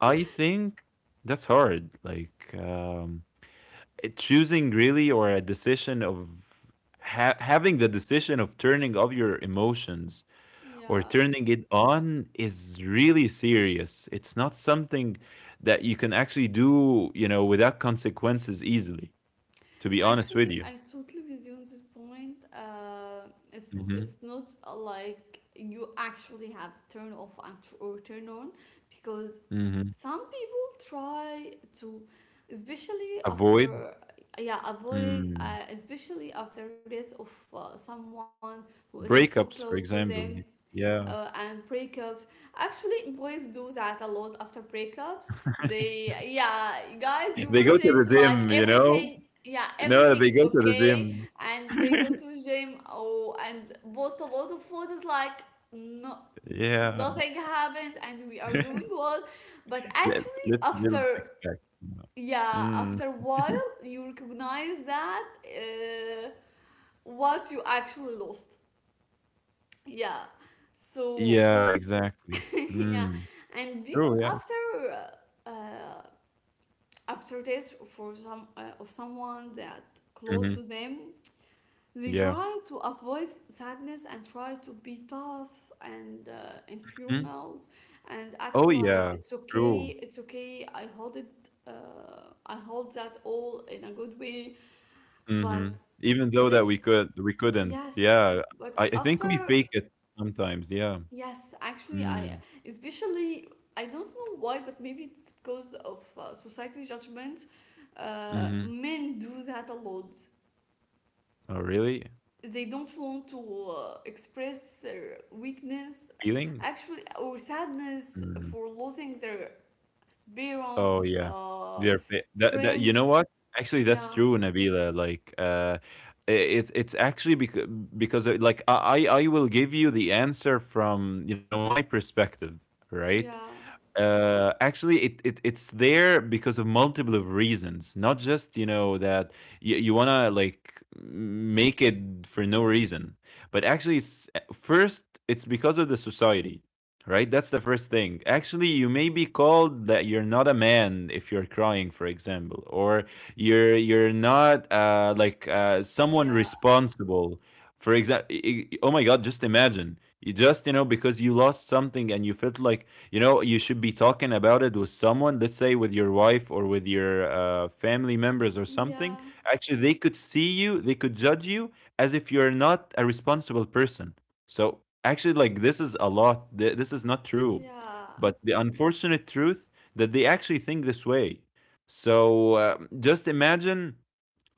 B: I think that's hard. Like choosing really, or a decision of having the decision of turning off your emotions or
A: Yeah.
B: turning it on is really serious. It's not something that you can actually do, you know, without consequences easily, to be honest with
A: Actually,
B: you.
A: I totally with you on this point. It's
B: Mhm,
A: it's not like you actually have turn off and or turn on, because
B: mhm.
A: some people try to, especially
B: Avoid,
A: after, yeah avoid,
B: mm,
A: especially after death of someone who is so close
B: breakups,
A: to
B: for
A: them,
B: example. Yeah.
A: and breakups. Actually, boys do that a lot after breakups. They, yeah, guys, you
B: They go to the
A: present like
B: gym, you know?
A: everything. Yeah,
B: No,
A: everything
B: they
A: is
B: go to the
A: okay,
B: gym.
A: and they go to gym, oh, and post a lot of photos like no,
B: Yeah.
A: nothing happened, and we are doing well. But
B: Let,
A: actually,
B: let's build
A: after
B: six pack. You
A: yeah,
B: mm.
A: after a while, you recognize that what you actually lost. Yeah. So
B: Yeah,
A: for
B: exactly.
A: yeah.
B: Mm.
A: And people
B: True, yeah.
A: after uh, uh, after this for some of someone that close
B: Hmm.
A: to them, they
B: Yeah.
A: try to avoid sadness and try to be tough and in funerals and act
B: Oh,
A: like
B: yeah,
A: it's okay,
B: true.
A: it's okay, I hold it, I hold that all in a good way. But
B: Mhm. Even though that we
A: let's,
B: could we couldn't.
A: yes,
B: Yeah,
A: but
B: I think we
A: after,
B: fake it sometimes, yeah.
A: yes, actually, I,
B: Mm,
A: especially I don't know why, but maybe it's because of society judgment.
B: mhm.
A: Men do that a lot.
B: Oh, really?
A: They don't want to express their weakness,
B: Feeling?
A: actually, or sadness
B: Mm.
A: for losing their parents,
B: Oh, yeah. They're fa that you know
A: friends.
B: what? Actually, that's
A: Yeah,
B: true, Nabila, like, I it's actually because, like, I will give you the answer from, my perspective, right?
A: yeah,
B: Actually, it's there because of multiple of reasons, not just that you wanna like make it for no reason, but actually, first it's because of the society, right? That's the first thing. Actually, you may be called that you're not a man if you're crying, for example, or you're not like someone
A: yeah.
B: responsible. For example, oh my God, just imagine you just because you lost something, and you felt like you should be talking about it with someone, let's say with your wife or with your family members or something.
A: Yeah,
B: Actually, they could see you, they could judge you as if you're not a responsible person. So actually, like, this is a lot, this is not true.
A: yeah.
B: But the unfortunate truth, that they actually think this way. So just imagine,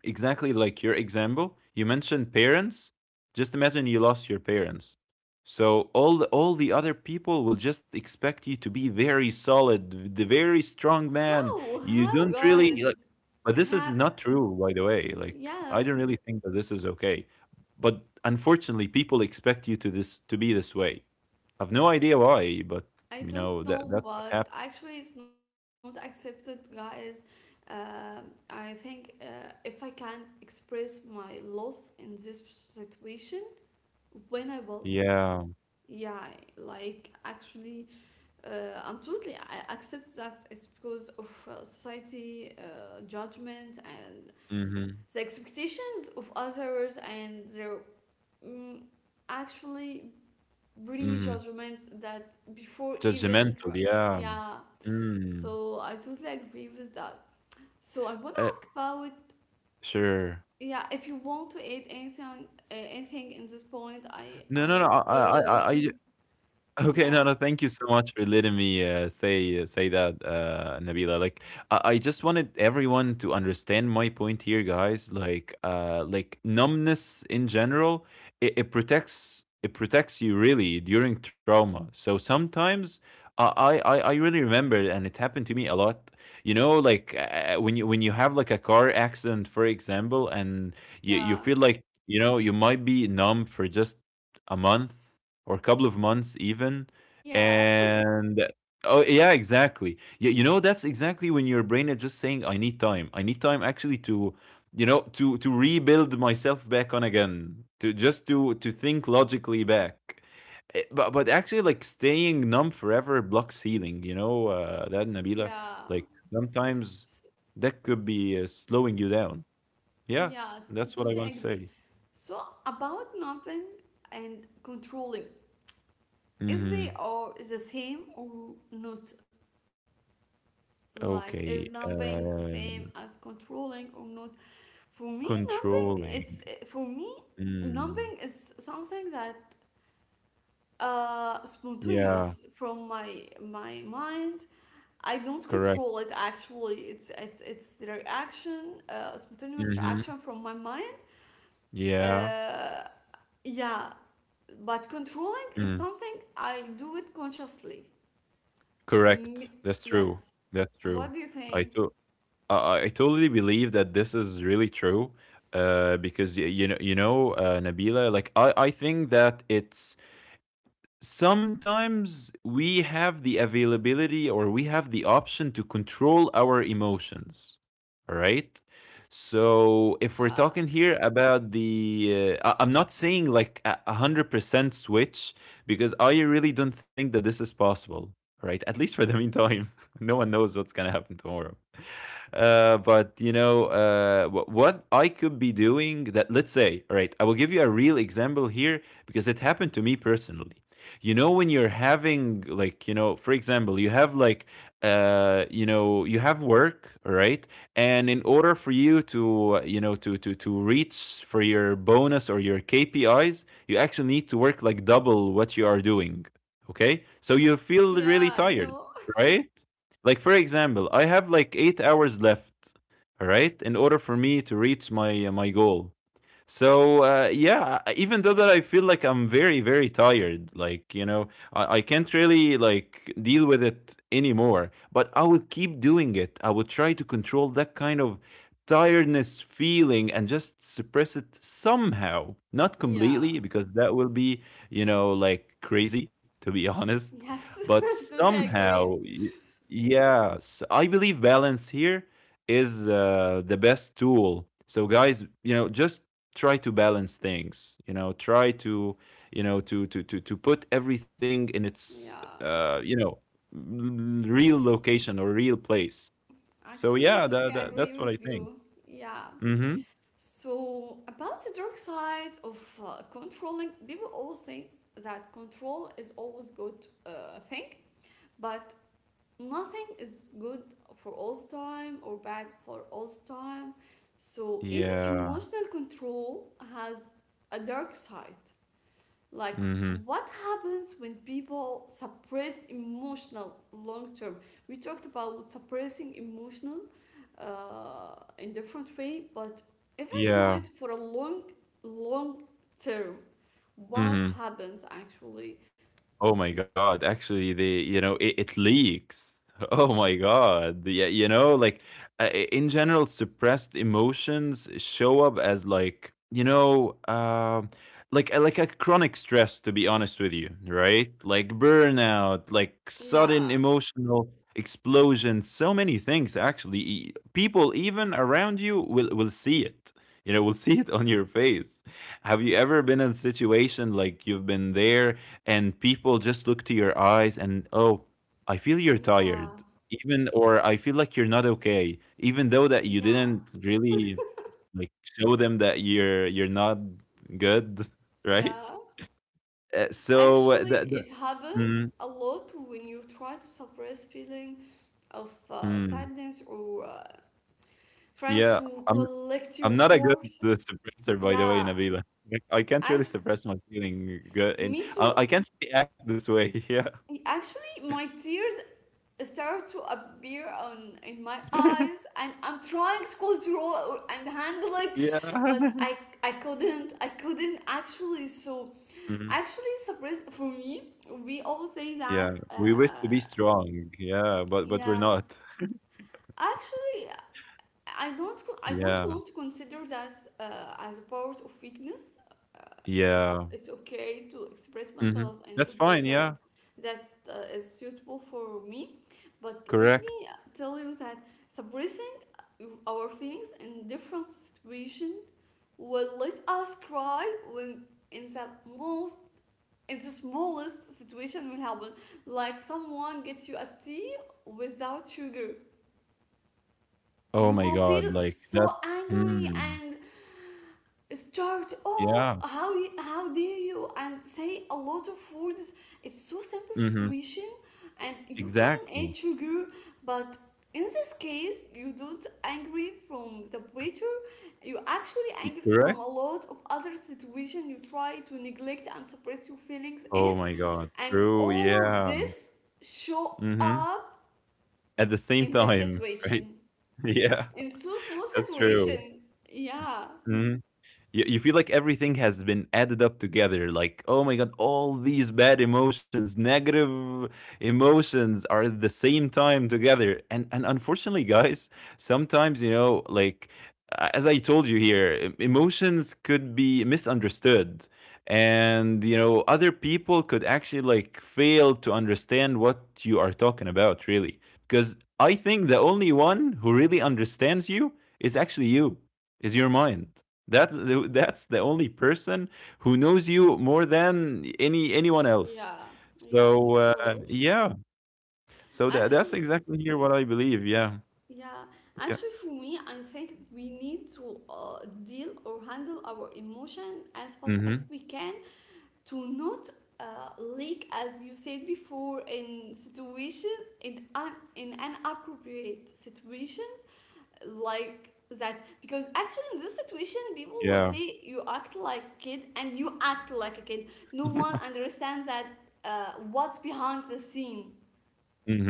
B: exactly like your example, you mentioned parents. Just imagine you lost your parents. So all the other people will just expect you to be very solid, the very strong man. You
A: How,
B: don't really
A: guys?
B: like, but this is
A: Have
B: not true, by the way. Like, I don't
A: yes.
B: really think that this is okay. But unfortunately, people expect you to be this way. I've no idea why, but
A: I
B: you know
A: don't
B: that
A: know,
B: that's what
A: but
B: happens.
A: actually, it's not accepted, guys. Um, I think if I can express my loss in this situation, when I will,
B: Yeah.
A: yeah, like actually, I'm totally I accept that it's because of society judgment and
B: Mm-hmm.
A: the expectations of others and their um, actually
B: Mm-hmm.
A: pre-judgments that before even
B: Judgmental. Yeah.
A: yeah.
B: Mm.
A: So I totally agree with that. So I want to
B: Uh,
A: ask about,
B: sure.
A: yeah, if you want to add anything anything in this point,
B: No, no, no.
A: I really
B: I
A: listening.
B: Okay, no, no,
A: Yeah,
B: thank you so much for letting me say that, Nabila. Like, I just wanted everyone to understand my point here, guys. Like, like, numbness in general, it protects you really during trauma. So sometimes I really remember, and it happened to me a lot. You know, like, when you have like a car accident, for example, and you feel
A: yeah,
B: like you might be numb for just a month or a couple of months even.
A: yeah,
B: And oh yeah, exactly. You know, that's exactly when your brain is just saying, I need time, I need time actually to rebuild myself back on again, to just to think logically back. But actually, like, staying numb forever blocks healing, you know, that, Nabila,
A: yeah,
B: like sometimes
A: S
B: that could be slowing you down. Yeah,
A: yeah.
B: that's what I want to
A: Totally
B: say.
A: agree. So about napping and controlling, is
B: Hmm.
A: they are the same or not? Like is
B: Okay.
A: napping the same as controlling or not? For me, numbing is,
B: Controlling.
A: for me
B: Mm.
A: numbing is something that
B: Yeah,
A: spontaneous from my mind. I don't
B: correct.
A: control it actually. It's the reaction, spontaneous
B: Mhm.
A: reaction from my mind.
B: Yeah.
A: Uh, yeah, but controlling it's
B: Mm.
A: something I do it consciously. M-
B: Correct. That's true.
A: yes.
B: That's
A: What
B: true.
A: do you
B: I
A: think?
B: to I I totally believe that this is really true. Because you know, Nabila, like, I think that it's sometimes we have the availability, or we have the option to control our emotions, all right? So if we're
A: Yeah.
B: talking here about the I'm not saying like a hundred percent switch, because I really don't think that this is possible, right? At least for the meantime, no one knows what's gonna happen tomorrow. But you know what I could be doing that. Let's say, all right, I will give you a real example here, because it happened to me personally. You know, when you're having, like, for example, you have like, you have work, all right, and in order for you to to reach for your bonus or your KPIs, you actually need to work like double what you are doing. Okay, so you feel
A: Yeah,
B: really
A: I
B: tired,
A: know.
B: right? Like, for example, I have like 8 hours left, all right, in order for me to reach my goal. So yeah, even though that I feel like I'm very very tired, like, you know, I can't really like deal with it anymore. But I will keep doing it. I will try to control that kind of tiredness feeling and just suppress it somehow, not
A: Yeah.
B: completely, because that will be, like, crazy to be honest.
A: Yes.
B: But
A: Totally
B: somehow,
A: agree.
B: yes, I believe balance here is the best tool. So guys, you know, just try to balance things, try to, to put everything in its
A: Yeah.
B: uh you know real location or real place. So
A: Actually,
B: yeah,
A: totally
B: that, that
A: agree
B: that's what I
A: with
B: think.
A: you. Yeah.
B: Mm-hmm.
A: So, about the dark side of controlling, people always think that control is always good thing, but nothing is good for all time or bad for all time. So, even
B: Yeah.
A: emotional control has a dark side. Like,
B: Mm-hmm.
A: what happens when people suppress emotional long term? We talked about suppressing emotional uh, in different way, but if I do
B: Yeah.
A: it for a long, long term, what
B: Mm-hmm.
A: happens actually?
B: Oh my God, actually, it leaks. Oh my God. Yeah, you know, like, in general, suppressed emotions show up as, like, you know, like a chronic stress, to be honest with you, right? Like burnout, like
A: Yeah,
B: sudden emotional explosion, so many things actually. People even around you will see it. You know, will see it on your face. Have you ever been in a situation, like, you've been there, and people just look to your eyes and, oh, I feel you're
A: yeah,
B: tired, even, or I feel like you're not okay even though that you
A: yeah,
B: didn't really like show them that you're not good, right?
A: yeah.
B: So,
A: Actually, it happened
B: mm,
A: a lot when you try to suppress feeling of
B: mm,
A: sadness or trying
B: yeah,
A: to
B: i'm
A: collect your
B: I'm not a good
A: force.
B: suppressor, by the way,
A: Yeah,
B: Nabila. Like, I can't really
A: act-
B: suppress my feeling good, and
A: me
B: i,
A: too.
B: I can't really act this way. Yeah.
A: Actually, my tears start to appear on in my eyes, and I'm trying to control and handle it,
B: Yeah.
A: but I couldn't. I couldn't actually. So actually, surprise for me. We all say
B: Yeah,
A: that.
B: we wish to be strong. Yeah, but we're
A: Yeah,
B: not.
A: actually, I don't co- I don't want
B: Yeah,
A: to consider that as a part of weakness. Uh, it's
B: yeah.
A: it's okay to express
B: Hmm.
A: myself in the
B: That's
A: way
B: fine.
A: that
B: Yeah,
A: that is suitable for me. But let me
B: correct.
A: tell you that suppressing our feelings in different situations will let us cry when in the most in the smallest situation will happen. Like someone gets you a tea without sugar, you
B: Oh my
A: will feel
B: God, like
A: so
B: that's.
A: angry
B: Mm,
A: and start, oh,
B: yeah.
A: how dare you, and say a lot of words. It's so simple
B: Hmm.
A: situation and you can
B: Exactly.
A: add sugar, but in this case you don't angry from the waiter, you actually angry from
B: Correct.
A: a lot of other situation you try to neglect and suppress your feelings in,
B: Oh my God.
A: and
B: True.
A: all of
B: Yeah.
A: this show
B: Hmm.
A: up
B: At the same
A: in this
B: time, right?
A: situation,
B: Yeah,
A: in so small
B: that's true.
A: situation. Yeah,
B: Mm-hmm. You feel like everything has been added up together, like, oh my God, all these bad emotions, negative emotions, are at the same time together, and unfortunately, guys, sometimes, you know, like, as I told you here, emotions could be misunderstood. And, you know, other people could actually, like, fail to understand what you are talking about, really. Because I think the only one who really understands you is actually you, is your mind. That that's the only person who knows you more than anyone else.
A: yeah, yes,
B: So
A: of course.
B: yeah, so that's
A: Actually,
B: exactly here what I believe. Yeah,
A: yeah,
B: yeah.
A: actually, for me, I think we need to deal or handle our emotion as fast as
B: Hmm.
A: we can to not leak, as you said before, in situation, in an appropriate situation like that, because actually in this situation people will
B: Yeah.
A: say you act like a kid and you act like a kid. No one understands that what's behind the scene.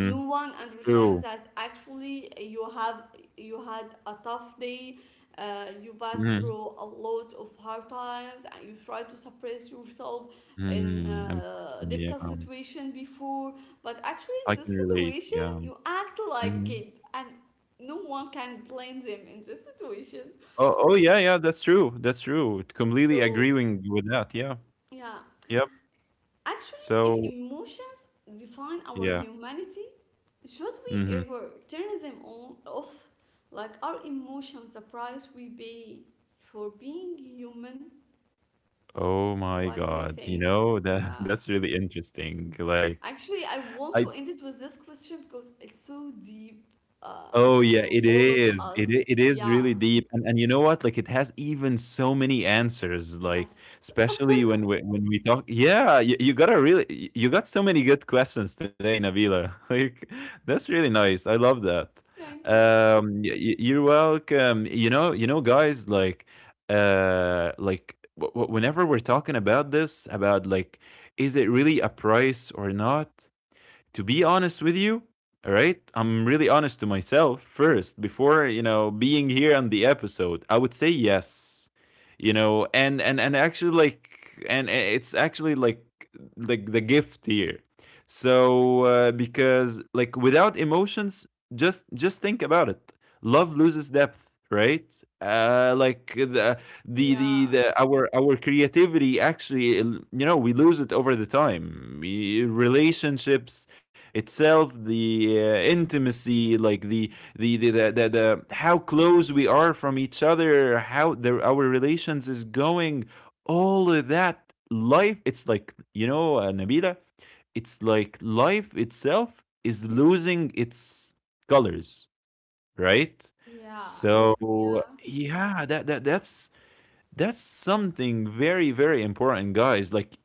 A: No one understands
B: True.
A: that actually you have, you had a tough day, you passed
B: Hmm.
A: through a lot of hard times and you try to suppress yourself in a
B: Unfortunately, yeah,
A: difficult situation before, but actually in
B: I can
A: this
B: relate.
A: situation
B: Yeah.
A: you act like
B: Hmm.
A: it, and no one can blame them in this situation.
B: Oh, oh yeah, yeah. That's true. That's true. Completely
A: So
B: agreeing with that. Yeah.
A: yeah.
B: Yep.
A: Actually, if
B: So
A: emotions define our
B: yeah.
A: humanity, should we
B: Hmm.
A: ever turn them on off? Like, our emotions, the price we pay for being human?
B: Oh my
A: What do you
B: God. You
A: think?
B: know
A: Yeah.
B: that that's really interesting. Like
A: Actually, I want to
B: I
A: end it with this question because it's so deep, uh,
B: Oh
A: for
B: yeah, it
A: all of
B: is.
A: us.
B: It is
A: Yeah.
B: really deep, and you know what? Like, it has even so many answers. Like,
A: Yes.
B: especially when we talk. Yeah, you got a really y- you got so many good questions today, Nabila. Like, that's really nice. I love that.
A: Thank you.
B: You're welcome. You know, guys. Like, like, whenever we're talking about this, about, like, is it really a price or not? To be honest with you, all right, I'm really honest to myself first before, you know, being here on the episode. I would say yes. You know, and actually, like, and it's actually like, the gift here. So because, like, without emotions, just think about it. Love loses depth, right? Like, the the
A: Yeah.
B: the, the our creativity, actually, you know, we lose it over the time. Relationships itself, the intimacy, like, the how close we are from each other, how our relations is going, all of that life, it's like, you know, Nabila, it's like life itself is losing its colors, right?
A: Yeah.
B: So
A: Yeah.
B: yeah, that's something very very important, guys, like,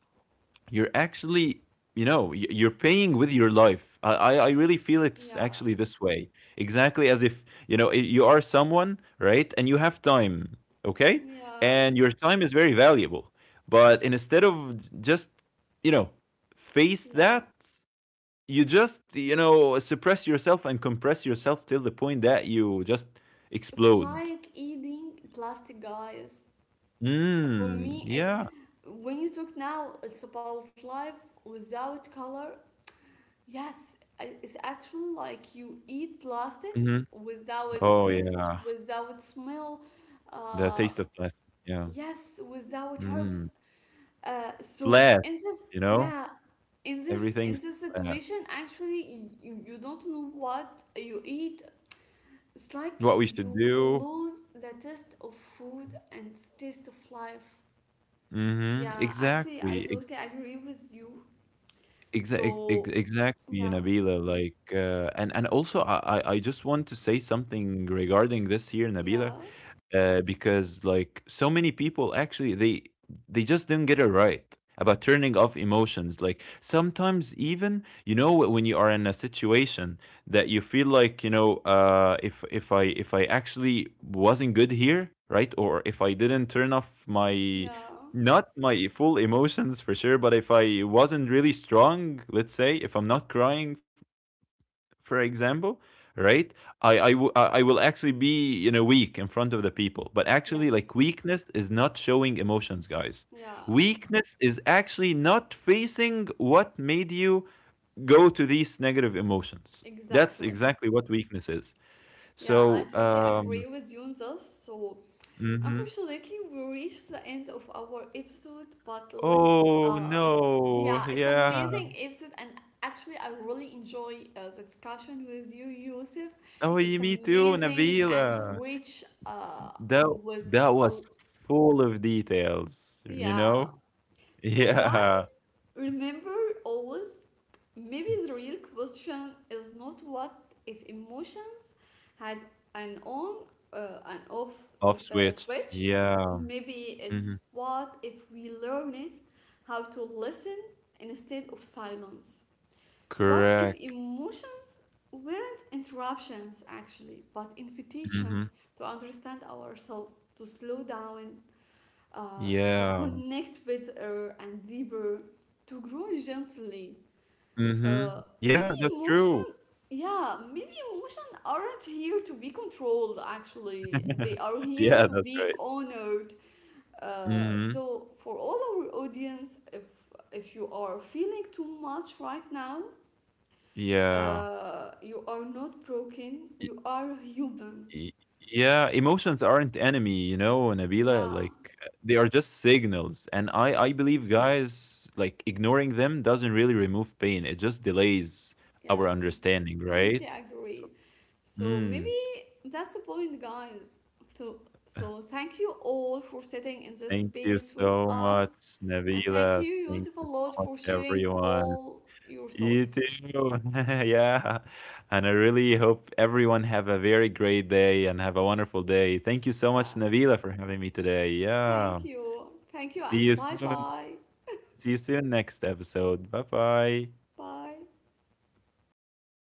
B: you're actually, you know, you're paying with your life. I really feel it's
A: Yeah.
B: actually this way, exactly as if, you know, you are someone, right, and you have time, okay,
A: Yeah.
B: and your time is very valuable, but instead of just, you know, face
A: Yeah.
B: that, you just, you know, suppress yourself and compress yourself till the point that you just
A: It's
B: explode.
A: like eating plastic, guys. For
B: Mm.
A: me, it,
B: Yeah.
A: when you talk now, it's about life without color. Yes, I- it's actually like you eat
B: Hmm.
A: plastics without
B: Oh
A: taste,
B: yeah,
A: without smell.
B: the
A: Uh,
B: taste of plastic, yeah.
A: yes, without herbs.
B: Mm.
A: So
B: Flat,
A: in this,
B: you know?
A: yeah, in
B: Everything's
A: this
B: flat.
A: situation, actually, you don't know what you eat. It's like
B: What we should
A: you
B: do.
A: lose the taste of food and taste of life.
B: Mhm.
A: Yeah, actually, I
B: Exactly. e
A: totally agree with you.
B: exa e ex
A: So,
B: exactly,
A: yeah,
B: Nabila, like, and also, I just want to say something regarding this here, Nabila.
A: yeah,
B: Because, like, so many people actually they just don't get it right about turning off emotions, like sometimes even, you know, when you are in a situation that you feel like, you know, if I actually wasn't good here, right, or if I didn't turn off my
A: yeah,
B: not my full emotions for sure, but if I wasn't really strong, let's say, if I'm not crying, for example, right? I w- I will actually be, you know, weak in front of the people, but actually,
A: yes,
B: like, weakness is not showing emotions, guys.
A: yeah,
B: Weakness is actually not facing what made you go to these negative emotions. That's
A: exactly.
B: exactly what weakness is.
A: Yeah, I
B: So,
A: totally agree with you on this. So,
B: mhm.
A: unfortunately, we reached the end of our episode, but let's
B: Oh no,
A: yeah, it's
B: yeah.
A: amazing episode. And actually I really enjoy the discussion with you, Yusuf.
B: Oh,
A: It's
B: me too,
A: amazing and
B: Nabila.
A: rich, uh,
B: That
A: was
B: that
A: a
B: was full of details, you
A: yeah.
B: know?
A: So guys,
B: Yeah.
A: remember always, maybe the real question is not what if emotions had an on and off
B: Off switch.
A: switch.
B: Yeah.
A: Maybe it's
B: Mhm.
A: what if we learn it how to listen instead of silence. What if
B: Correct.
A: emotions weren't interruptions actually, but invitations
B: Mhm.
A: to understand ourselves, to slow down, uh, to
B: Yeah.
A: connect better and deeper, to grow gently.
B: Mhm. Yeah,
A: Maybe
B: that's true.
A: emotion, yeah, maybe emotion aren't here to be controlled. Actually, they are here
B: Yeah,
A: to
B: that's
A: be
B: right.
A: honored.
B: Mhm.
A: So for all our audience, if you are feeling too much right now,
B: Yeah.
A: you are not broken.
B: Y
A: You are human.
B: y yeah, emotions aren't enemy, you know, Nabila,
A: Yeah.
B: like, they are just signals, and I
A: Yes.
B: believe, guys, like, ignoring them doesn't really remove pain, it just delays our
A: Yeah.
B: understanding, right?
A: Totally
B: So,
A: agree. So maybe
B: mm,
A: That's the point, guys. So, so thank you all for sitting in this
B: thank you
A: space with
B: so
A: us.
B: much,
A: And thank you,
B: Nabila. Thank
A: Yusuf, a
B: you so
A: lot
B: much,
A: for sharing
B: everyone.
A: all your
B: You too.
A: thoughts.
B: Yeah. And I really hope everyone have a very great day and have a wonderful day. Thank you so much,
A: Yeah,
B: Nabila, for having me today. Yeah.
A: thank you. Thank you,
B: See
A: and
B: you
A: bye
B: soon.
A: bye.
B: See you soon next episode. Bye-bye.
A: Bye.
B: Bye.